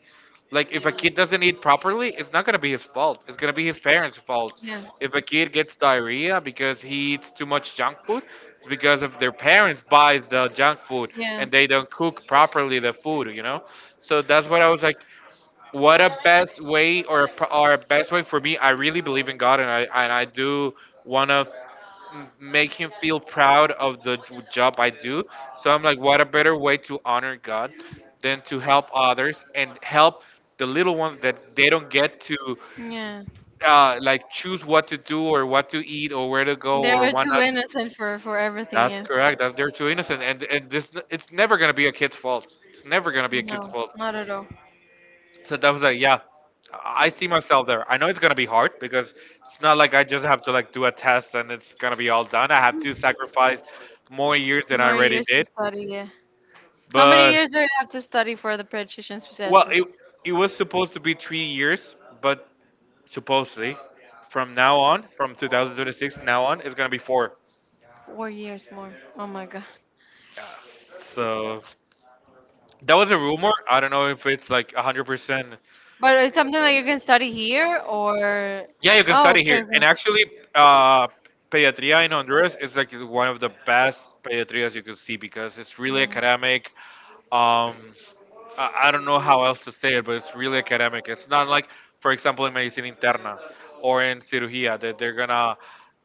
A: Like if a kid doesn't eat properly, it's not gonna be his fault. It's gonna be his parents' fault.
B: Yeah.
A: If a kid gets diarrhea because he eats too much junk food, it's because of their parents buys the junk food
B: Yeah.
A: and they don't cook properly the food. You know. So that's what I was like, what a best way or a, best way for me, I really believe in God, and I do want to make him feel proud of the job I do. So I'm like, what a better way to honor God than to help others and help the little ones that they don't get to
B: Yeah.
A: like choose what to do or what to eat or where to go or
B: They're
A: what
B: too
A: not.
B: innocent for everything.
A: That's
B: Yeah.
A: correct that they're too innocent, and this, it's never going to be a kid's fault, it's never going to be a kid's
B: No,
A: fault.
B: not at all.
A: So that was like, yeah, I see myself there. I know it's gonna be hard because it's not like I just have to like do a test and it's gonna be all done. I have to sacrifice more years than I
B: More
A: already
B: years to
A: did.
B: study, yeah. How many
A: But
B: years do you have to study for the pediatrician's
A: well,
B: specialty?
A: it was supposed to be 3 years, but supposedly from now on, from 2026 now on, it's gonna be four.
B: 4 years more. Oh my god.
A: Yeah. So that was a rumor. I don't know if it's like 100%.
B: But it's something that you can study here or.
A: Yeah, you can
B: Oh,
A: study
B: okay,
A: here. And
B: okay.
A: actually, uh, pediatria in Honduras is like one of the best pediatrias you could see because it's really
B: Mm.
A: academic. Um, I don't know how else to say it, but it's really academic. It's not like, for example, in medicina interna or in cirugía that they're gonna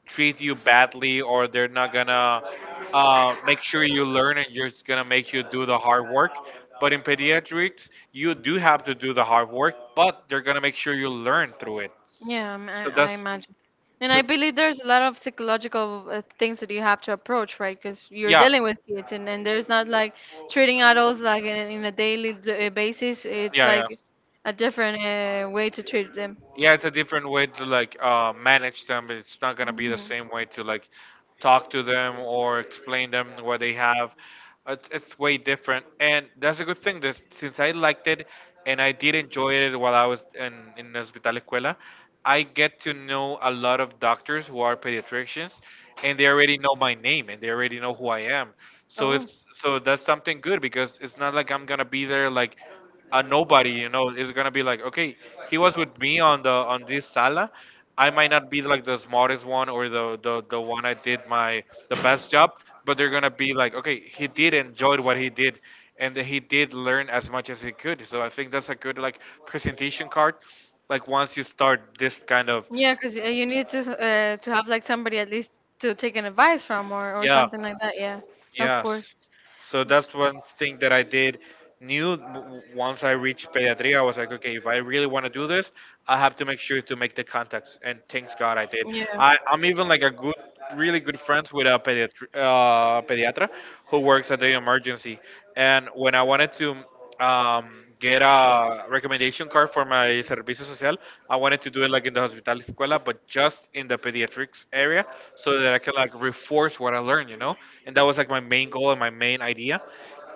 A: treat you badly or they're not gonna make sure you learn and you're just gonna make you do the hard work. But in pediatrics, you do have to do the hard work, but they're gonna make sure you learn through it.
B: Yeah, I'm-
A: So
B: I
A: that's
B: imagine. And I
A: so.
B: believe there's a lot of psychological things that you have to approach, right? Because you're
A: Yeah,
B: dealing with kids, and there's not like treating adults like in a daily basis. It's
A: yeah yeah
B: like a different way to treat them.
A: yeah it's a different way to like manage them. It's not gonna be the
B: Mm-hmm.
A: same way to like talk to them or explain them what they have. It's way different, and that's a good thing that since I liked it and I did enjoy it while I was in hospital escuela, I get to know a lot of doctors who are pediatricians, and they already know my name and they already know who I am. so
B: Oh.
A: it's so that's something good because it's not like I'm gonna be there like a nobody, you know. Is gonna be like, okay, he was with me on the on this sala. I might not be like the smartest one or the one I did my the best job, but they're gonna be like, okay, he did enjoy what he did, and he did learn as much as he could. So I think that's a good like presentation card, like once you start this kind of
B: Yeah, because you need to have like somebody at least to take an advice from or
A: yeah.
B: something like that. Yeah, of course.
A: Yes. So that's one thing that I did knew w- w- once I reached pediatry, I was like, okay, if I really want to do this, I have to make sure to make the contacts. And thanks God I did.
B: Yeah.
A: I'm even like a really good friends with a pediatra who works at the emergency. And when I wanted to get a recommendation card for my servicio social. I wanted to do it like in the hospital escuela, but just in the pediatrics area, so that I can like reinforce what I learned, you know. And that was like my main goal and my main idea.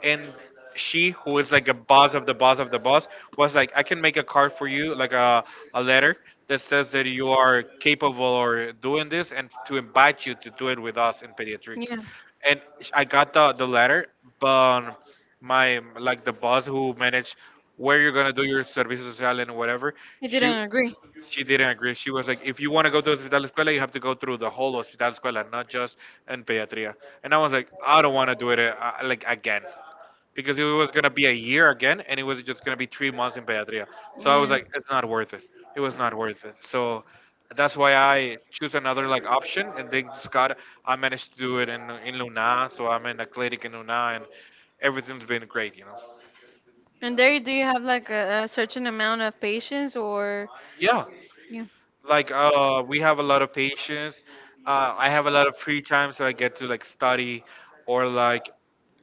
A: And she, who is like a boss of the boss of the boss, was like, I can make a card for you, like a letter that says that you are capable or doing this, and to invite you to do it with us in pediatrics.
B: Yeah,
A: And I got the letter, but my like the boss who managed where you're gonna do your servicio social and whatever,
B: I didn't
A: she
B: agree.
A: she didn't agree. She was like, if you want to go to hospital escuela, you have to go through the whole hospital escuela, not just in pediatria. And I was like, I don't want to do it like again, because it was gonna be a year again and it was just gonna be 3 months in pediatria. So I was
B: Yeah.
A: like, it's not worth it, it was not worth it. So that's why I choose another like option, and then God, I managed to do it in Luna, so I'm in a clinic in Luna, and everything's been great, you know.
B: And there, do you have like a certain amount of patience or?
A: Yeah,
B: Yeah.
A: like we have a lot of patience. I have a lot of free time so I get to like study, or like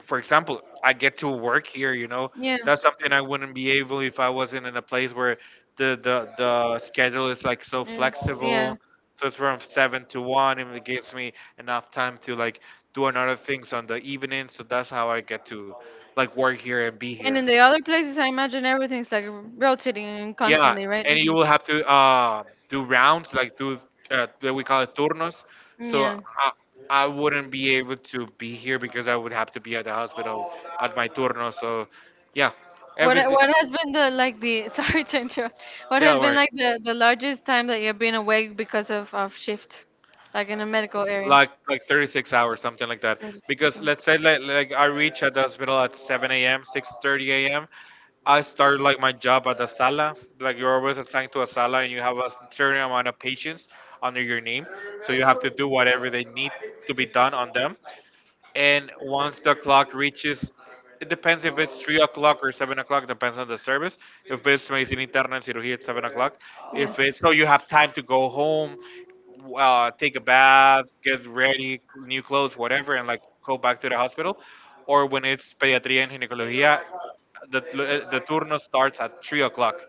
A: for example, I get to work here, you know.
B: Yeah.
A: That's something I wouldn't be able if I wasn't in a place where the schedule is like so
B: If, yeah.
A: flexible. So it's from seven to one and it gives me enough time to like do another things on the evening, so that's how I get to like work here and be
B: And
A: here.
B: in the other places, I imagine everything's like rotating
A: Yeah,
B: constantly, right?
A: and you
B: Mhm.
A: will have to do rounds, like do that we call it turnos. So
B: Yeah.
A: I wouldn't be able to be here because I would have to be at the hospital at my turno. So yeah,
B: What
A: everything.
B: what has been the like the sorry to interrupt. What
A: Don't
B: has been
A: worry.
B: like the largest time that you've been awake because of shift, like in a medical area?
A: Like 36 hours something like that, because let's say like, I reach at the hospital at 7 a.m, 6:30 a.m, I started like my job at the sala. Like you're always assigned to a sala, and you have a certain amount of patients under your name, so you have to do whatever they need to be done on them. And once the clock reaches, it depends if it's 3 o'clock or 7 o'clock, depends on the service. If it's medicina interna and cirugía, at 7 o'clock.
B: Yeah.
A: If it's, so you have time to go home, take a bath, get ready, new clothes, whatever, and like go back to the hospital. Or when it's pediatría and ginecología, the, the turno starts at 3 o'clock,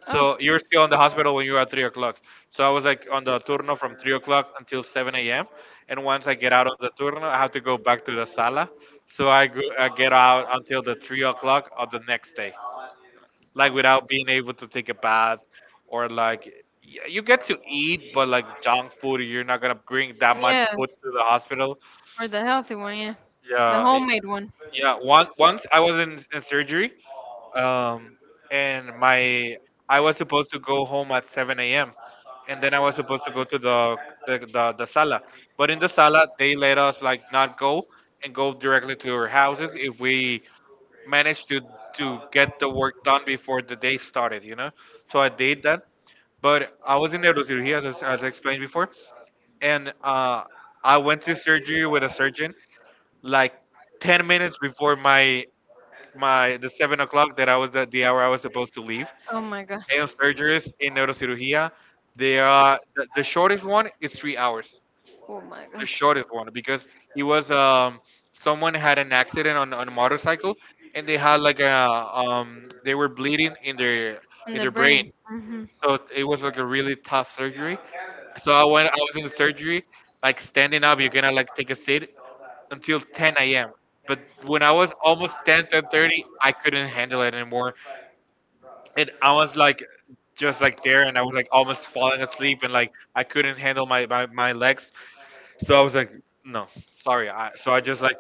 A: so you were still in the hospital when you were at 3 o'clock. So I was like on the turno from 3 o'clock until seven a.m. And once I get out of the turno, I have to go back to the sala. So I get out until the 3 o'clock of the next day, like without being able to take a bath, or like you get to eat, but like junk
B: Oh.
A: food, you're not gonna bring that much
B: Yeah,
A: food to the hospital.
B: or the healthy one, yeah. The
A: Yeah,
B: homemade one.
A: yeah. Once I was in surgery, um, and my I was supposed to go home at 7 a.m. And then I was supposed to go to the sala. But in the sala, they let us like not go, and go directly to our houses if we managed to get the work done before the day started. You know, so I did that. But I was in neurosurgery, as I explained before, and I went to surgery with a surgeon like 10 minutes before my my the 7 o'clock that I was, the hour I was supposed to leave.
B: Oh my god.
A: And surgeries in neurocirugía, they are the shortest one is 3 hours.
B: Oh my
A: The
B: god.
A: shortest one, because it was, someone had an accident on a motorcycle, and they had like a they were bleeding
B: In
A: in
B: the
A: their brain,
B: brain.
A: so it was like a really tough surgery. So I went. I was in the surgery, like standing up. You're gonna like take a seat until 10 a.m. But when I was almost 10, 10:30, I couldn't handle it anymore, and I was like just like there, and I was like almost falling asleep, and like I couldn't handle my legs. So I was like, no, sorry. So I just like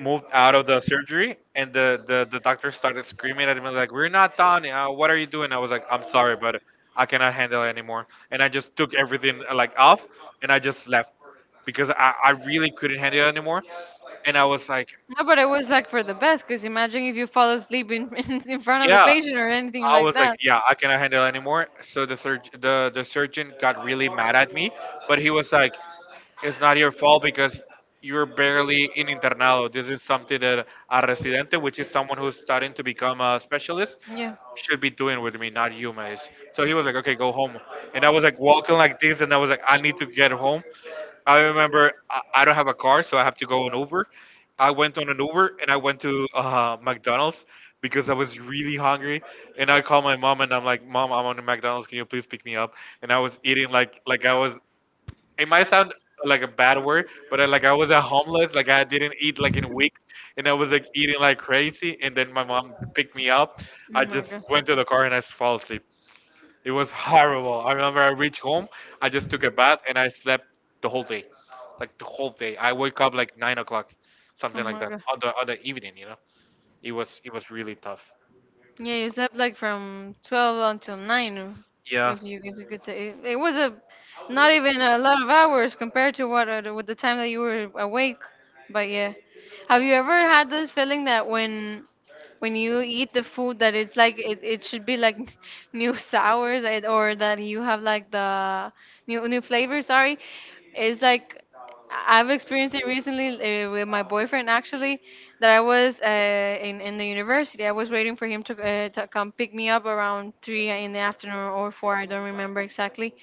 A: moved out of the surgery, and the doctor started screaming at me like, "We're not done. What are you doing?" I was like, "I'm sorry, but I cannot handle it anymore." And I just took everything like off, and I just left, because I really couldn't handle it anymore. And I was like,
B: No, but it was like for the best, because imagine if you fall asleep in, in front of the
A: "Yeah."
B: patient or anything
A: I
B: like
A: was like,
B: that.
A: "Yeah, I cannot handle it anymore." So the surgeon got really mad at me, but he was like, it's not your fault, because you're barely in internado. This is something that a residente, which is someone who's starting to become a specialist,
B: Yeah.
A: should be doing with me, not you, Mace. So he was like, okay, go home. And I was like walking like this, and I was like, I need to get home. I remember I don't have a car, so I have to go on Uber.
B: and
A: I went on an Uber, and I went to McDonald's, because I was really hungry. And I called my mom, and I'm like, Mom, I'm on a McDonald's. Can you please pick me up? And I was eating like I was, it might sound like a bad word, but like I was a homeless, like I didn't eat like in weeks, and I was like eating like crazy, and then my mom picked me up. I just went to the car and I fell asleep. It was horrible. I remember I reached home, I just took a bath, and I slept the whole day, like the whole day. I woke up like 9 o'clock, something like that, on the evening. You know, it was really tough.
B: Yeah, you slept like from 12 until 9,
A: Yeah,
B: if you could say. It was a not even a lot of hours compared to what with the time that you were awake. But yeah, have you ever had this feeling that when you eat the food that it's like it should be like new sours like, or that you have like the new flavor, sorry. It's like I've experienced it recently with my boyfriend actually that I was in the university. I was waiting for him to come pick me up around three in the afternoon or four. I don't remember exactly.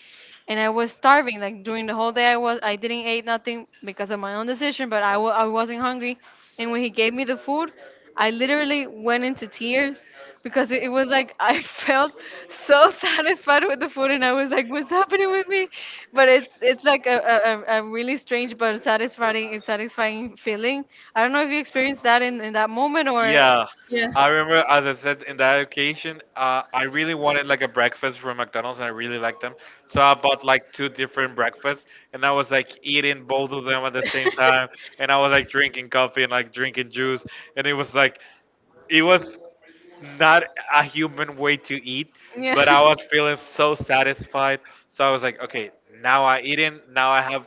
B: And I was starving. Like during the whole day, I didn't eat nothing because of my own decision, but I wasn't hungry. And when he gave me the food, I literally went into tears because it was like I felt so satisfied with the food, and I was like, "What's happening with me?" But it's like a really strange but satisfying feeling. I don't know if you experienced that in that moment or
A: yeah,
B: yeah.
A: I remember, as I said in that occasion, I really wanted like a breakfast from McDonald's, and I really liked them. So I bought like two different breakfasts, and I was like eating both of them at the same time, and I was like drinking coffee and like drinking juice, and it was like, it was not a human way to eat,
B: Yeah.
A: but I was feeling so satisfied. So I was like, okay, now I eaten. Now I have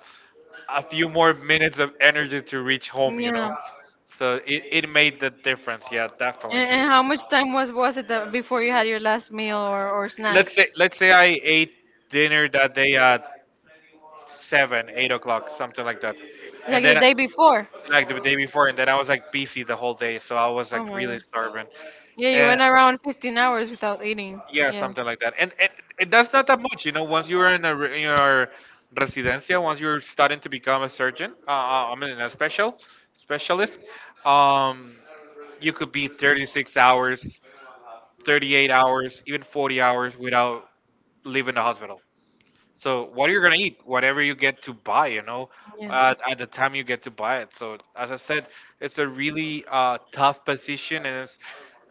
A: a few more minutes of energy to reach home. You know,
B: Yeah.
A: so it made the difference. Yeah, definitely.
B: And how much time was it that before you had your last meal or snack?
A: Let's say, let's say I ate dinner that day at seven, 8 o'clock, something like that, and
B: Like the
A: then
B: day before.
A: like the day before, and then I was like busy the whole day, so I was
B: Oh
A: like
B: my
A: really
B: god.
A: starving.
B: Yeah, you
A: And.
B: went around 15 hours without eating.
A: Yeah,
B: Yeah.
A: something like that. And that's not that much, you know. Once you're in your residencia, once you're starting to become a surgeon, I mean, a specialist, um, you could be 36 hours, 38 hours, even 40 hours without leaving the hospital. So what are you gonna eat? Whatever you get to buy, you know,
B: Yeah.
A: at the time you get to buy it. So as I said, it's a really tough position, and it's,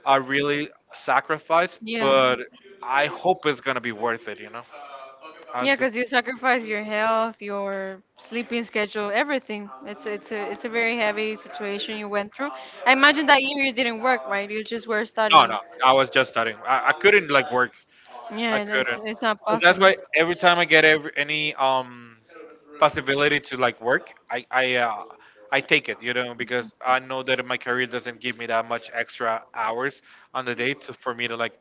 A: I really sacrificed,
B: Yeah.
A: but I hope it's gonna be worth it. You know, I
B: Yeah,
A: do.
B: because you sacrifice your health, your sleeping schedule, everything. It's a it's a very heavy situation you went through. I imagine that year you didn't work, right? You just were
A: No,
B: studying.
A: no, I was just studying. I couldn't like work. I
B: Yeah, it's
A: couldn't.
B: it's not
A: So that's
B: possible.
A: why every time I get, any possibility to like work, I take it. You know, because I know that my career doesn't give me that much extra hours on the day for me to like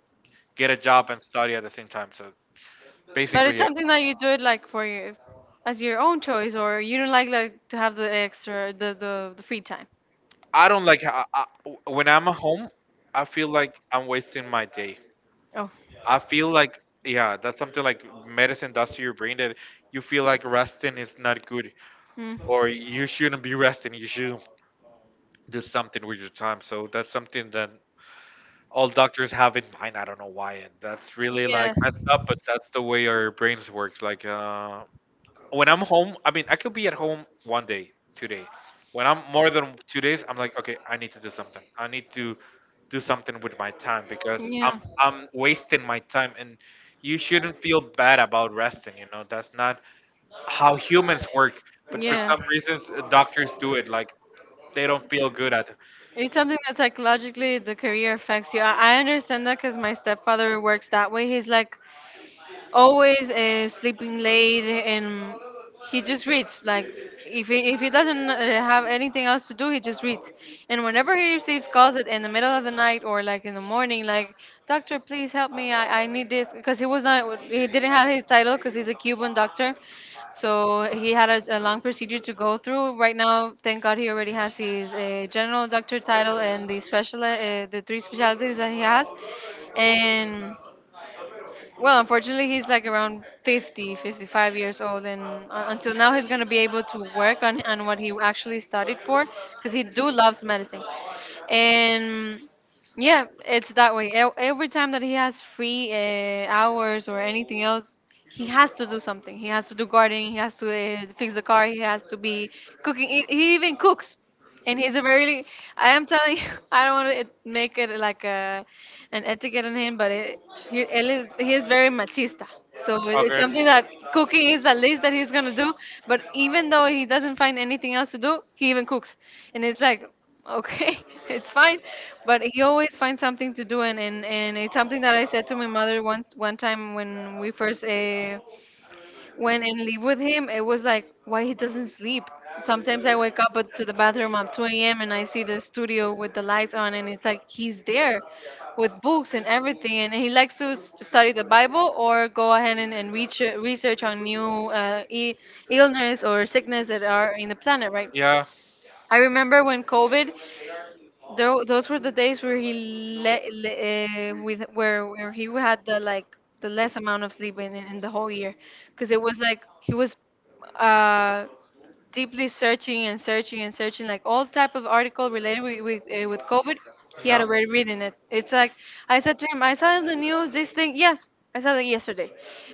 A: get a job and study at the same time. So
B: But it's
A: basically, yeah.
B: something that you do it like for your as your own choice, or you don't like to have the extra the free time.
A: I don't like, when I'm at home, I feel like I'm wasting my day.
B: Oh.
A: I feel like, yeah, that's something like medicine does to your brain, that you feel like resting is not good,
B: Mm.
A: or you shouldn't be resting, you should do something with your time. So that's something that all doctors have in mind. I don't know why, and that's really like
B: Yeah.
A: messed up, but that's the way our brains works. Like when I'm home, I mean, I could be at home one day, 2 days. When I'm more than 2 days, I'm like, okay, I need to do something. I need to do something with my time, because I'm
B: Yeah.
A: I'm wasting my time, and you shouldn't feel bad about resting. You know, that's not how humans work. But for
B: Yeah.
A: some reasons, doctors do it. Like they don't feel good at.
B: It's something that psychologically the career affects you. I understand that because my stepfather works that way. He's like, always sleeping late and he just reads like if he doesn't have anything else to do he just reads and whenever he receives calls at, in the middle of the night or like in the morning like doctor please help me I need this because he was not he didn't have his title because he's a Cuban doctor, so he had a long procedure to go through. Right now, thank God, he already has his general doctor title and the special the three specialties that he has. And well, unfortunately, he's like around 50, 55 years old, and until now, he's gonna be able to work on what he actually studied for, because he do loves medicine, and yeah, it's that way. Every time that he has free hours or anything else, he has to do something. He has to do gardening. He has to fix the car. He has to be cooking. He even cooks. And he's a very, I am telling you, I don't want to make it like an etiquette on him, but he, él is, he is very machista. So it's
A: Okay.
B: something that cooking is the least that he's going to do. But even though he doesn't find anything else to do, he even cooks. And it's like, okay, it's fine. But he always finds something to do. And, and it's something that I said to my mother once, one time when we first when I live with him, it was like, why he doesn't sleep? Sometimes I wake up to the bathroom at 2 a.m. and I see the studio with the lights on, and it's like he's there with books and everything. And he likes to study the Bible or go ahead and reach, research on new illness or sickness that are in the planet, right?
A: Yeah.
B: I remember when COVID. Those were the days where he le- le- with where he had the less amount of sleep in the whole year, because it was like he was uh, deeply searching and searching and searching like all type of article related with with COVID. He had
A: Yeah.
B: already written it. It's like I said to him, I saw in the news this thing. Yes, I saw that yesterday,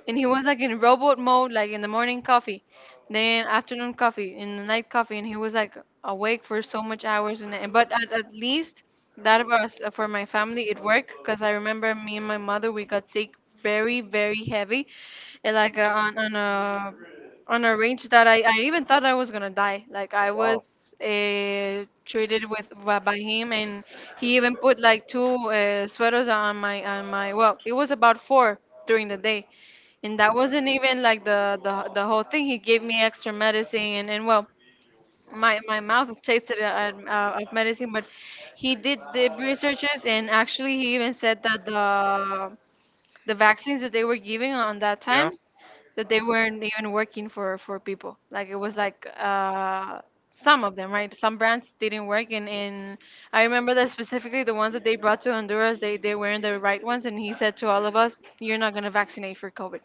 B: and he was like in robot mode, like in the morning coffee, then afternoon coffee, in the night coffee. And he was like awake for so much hours and- but at least that was for my family it worked because I remember me and my mother we got sick very very heavy and like on a range that I even thought I was gonna die. Like I was treated with by him, and he even put like two sweaters on my on my, well, it was about four during the day. And that wasn't even like the whole thing. He gave me extra medicine, and well, my mouth tasted of medicine. But he did the researches, and actually he even said that the vaccines that they were giving on that
A: Yeah.
B: time that they weren't even working for people. Like it was like some of them, right? Some brands didn't work, and I remember that specifically the ones that they brought to Honduras, they weren't the right ones, and he said to all of us, "You're not gonna vaccinate for COVID,"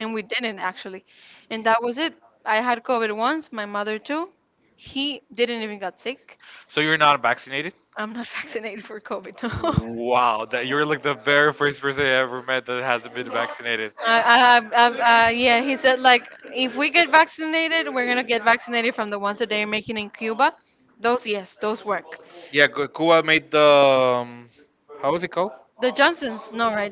B: and we didn't actually, and that was it. I had COVID once, my mother too. He didn't even got sick.
A: So you're not vaccinated?
B: I'm not vaccinated for COVID. No.
A: Wow, that you're like the very first person I ever met that hasn't been vaccinated.
B: I, I, I, yeah, he said like if we get vaccinated, we're gonna get vaccinated from the ones that they're making in Cuba. Those, yes, those work.
A: Yeah, Cuba made the, how was it called?
B: The Johnsons, no, right?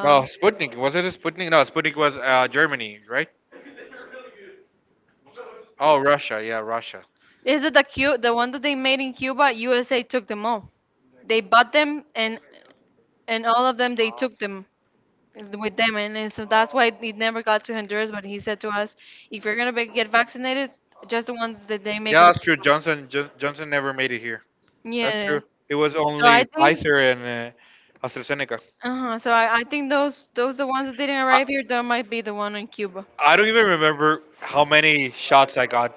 A: No, Sputnik. Was it a Sputnik? No, Sputnik was Germany, right? Oh, Russia. Yeah, Russia.
B: is it the Q, the one that they made in Cuba? USA took them all. They bought them, and all of them they took them is with them, and so that's why it never got to Honduras. But he said to us, if you're gonna be, get vaccinated, just the ones that they make.
A: Yeah, that's true. Johnson never made it here. That's
B: Yeah.
A: true. It was
B: So I
A: only
B: think.
A: Pfizer and AstraZeneca.
B: Uh-huh. So I think those the ones that didn't
A: I,
B: arrive here, that might be the one in Cuba.
A: I don't even remember how many shots I got,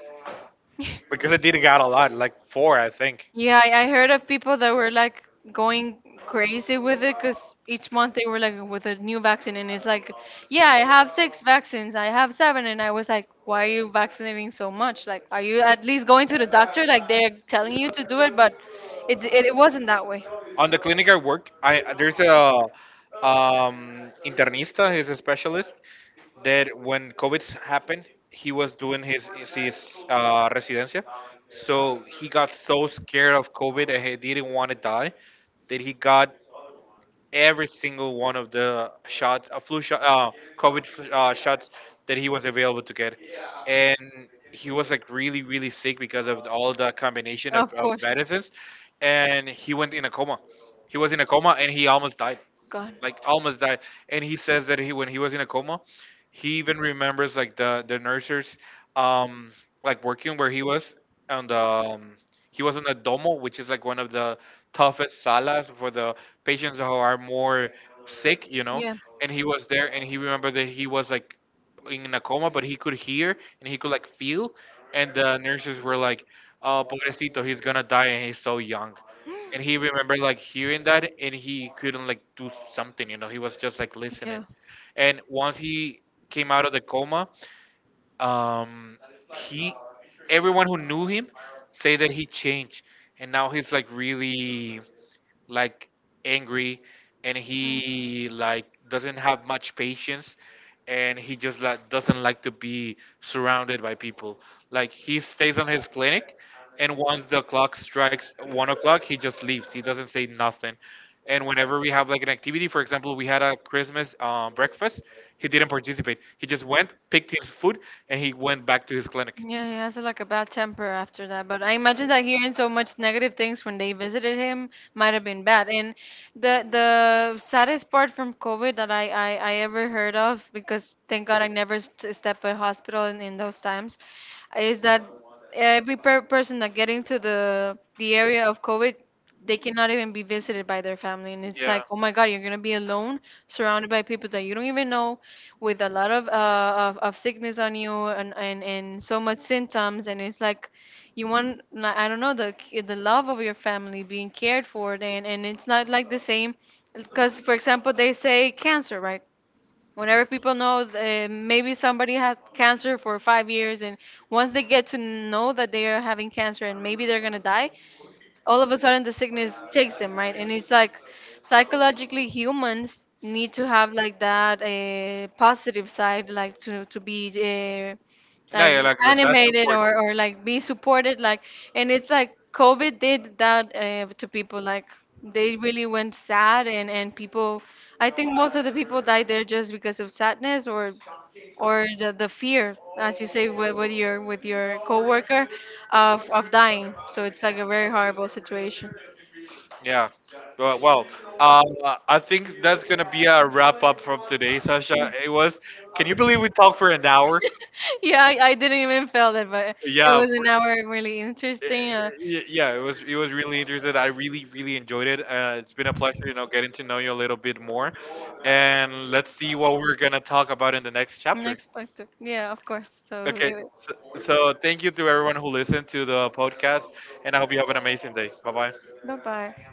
A: because I did get a lot, like four, I think.
B: Yeah, I heard of people that were like going crazy with it because each month they were like with a new vaccine, and it's like, yeah, I have six vaccines, I have seven, and I was like, why are you vaccinating so much? Like, are you at least going to the doctor? Like they're telling you to do it, but it wasn't that way.
A: On the clinic I work, I there's a, internista. He's a specialist that when COVID happened, he was doing his residencia, so he got so scared of COVID, and he didn't want to die, that he got every single one of the shots, flu shot, COVID shots that he was available to get, and he was like really, really sick because of all the combination of,
B: Of
A: of
B: course.
A: medicines, and he went in a coma. He was in a coma, and he almost died,
B: God.
A: like almost died. And he says that he, when he was in a coma, he even remembers like the nurses, um like working where he was on the he was on the domo, which is like one of the toughest salas for the patients who are more sick, you know.
B: Yeah,
A: And he was there, and he remembered that he was like in a coma, but he could hear and he could like feel. And the nurses were like, "Oh, pobrecito, he's gonna die, and he's so young." And he remembered like hearing that, and he couldn't like do something, you know. He was just like listening.
B: yeah.
A: And once he came out of the coma, um he everyone who knew him say that he changed, and now he's like really, like, angry, and
B: Mm.
A: he like doesn't have much patience, and he just like doesn't like to be surrounded by people. Like he stays on his clinic, and once the clock strikes 1 o'clock, he just leaves, he doesn't say nothing. And whenever we have like an activity, for example, we had a Christmas breakfast, he didn't participate, he just went, picked his food, and he went back to his clinic.
B: Yeah, he has like a bad temper after that. But I imagine that hearing so much negative things when they visited him might have been bad. And the saddest part from COVID that I ever heard of, because thank God I never stepped a hospital in those times, is that every person that get into the area of COVID, they cannot even be visited by their family, and it's
A: Yeah.
B: like, oh my God, you're gonna be alone, surrounded by people that you don't even know, with a lot of of sickness on you and so much symptoms. And it's like you want like, I don't know, the love of your family being cared for, and it's not like the same, because for example they say cancer, right? Whenever people know maybe somebody had cancer for 5 years and once they get to know that they are having cancer and maybe they're gonna die, all of a sudden the sickness takes them, right? And it's like psychologically humans need to have like that a positive side, like to be
A: Yeah,
B: like
A: yeah, like that, that's
B: animated
A: support.
B: or like be supported, like, and it's like COVID did that to people. Like they really went sad and people, I think most of the people died there just because of sadness or the fear, as you say, with your coworker of dying. So it's like a very horrible situation.
A: Yeah. Well, well, um, I think that's going to be a wrap up from today, Sasha. It was, can you believe we talked for an hour?
B: Yeah, I didn't even feel it, but it
A: Yeah,
B: was an
A: for,
B: hour really
A: eh,
B: interesting.
A: eh, eh, yeah, it was really interesting. I really really enjoyed it. It's been a pleasure, you know, getting to know you a little bit more, and let's see what we're gonna talk about in the next chapter.
B: Next part, yeah, of course. So
A: Okay.
B: it was.
A: So thank you to everyone who listened to the podcast, and I hope you have an amazing day. Bye bye.
B: Bye bye.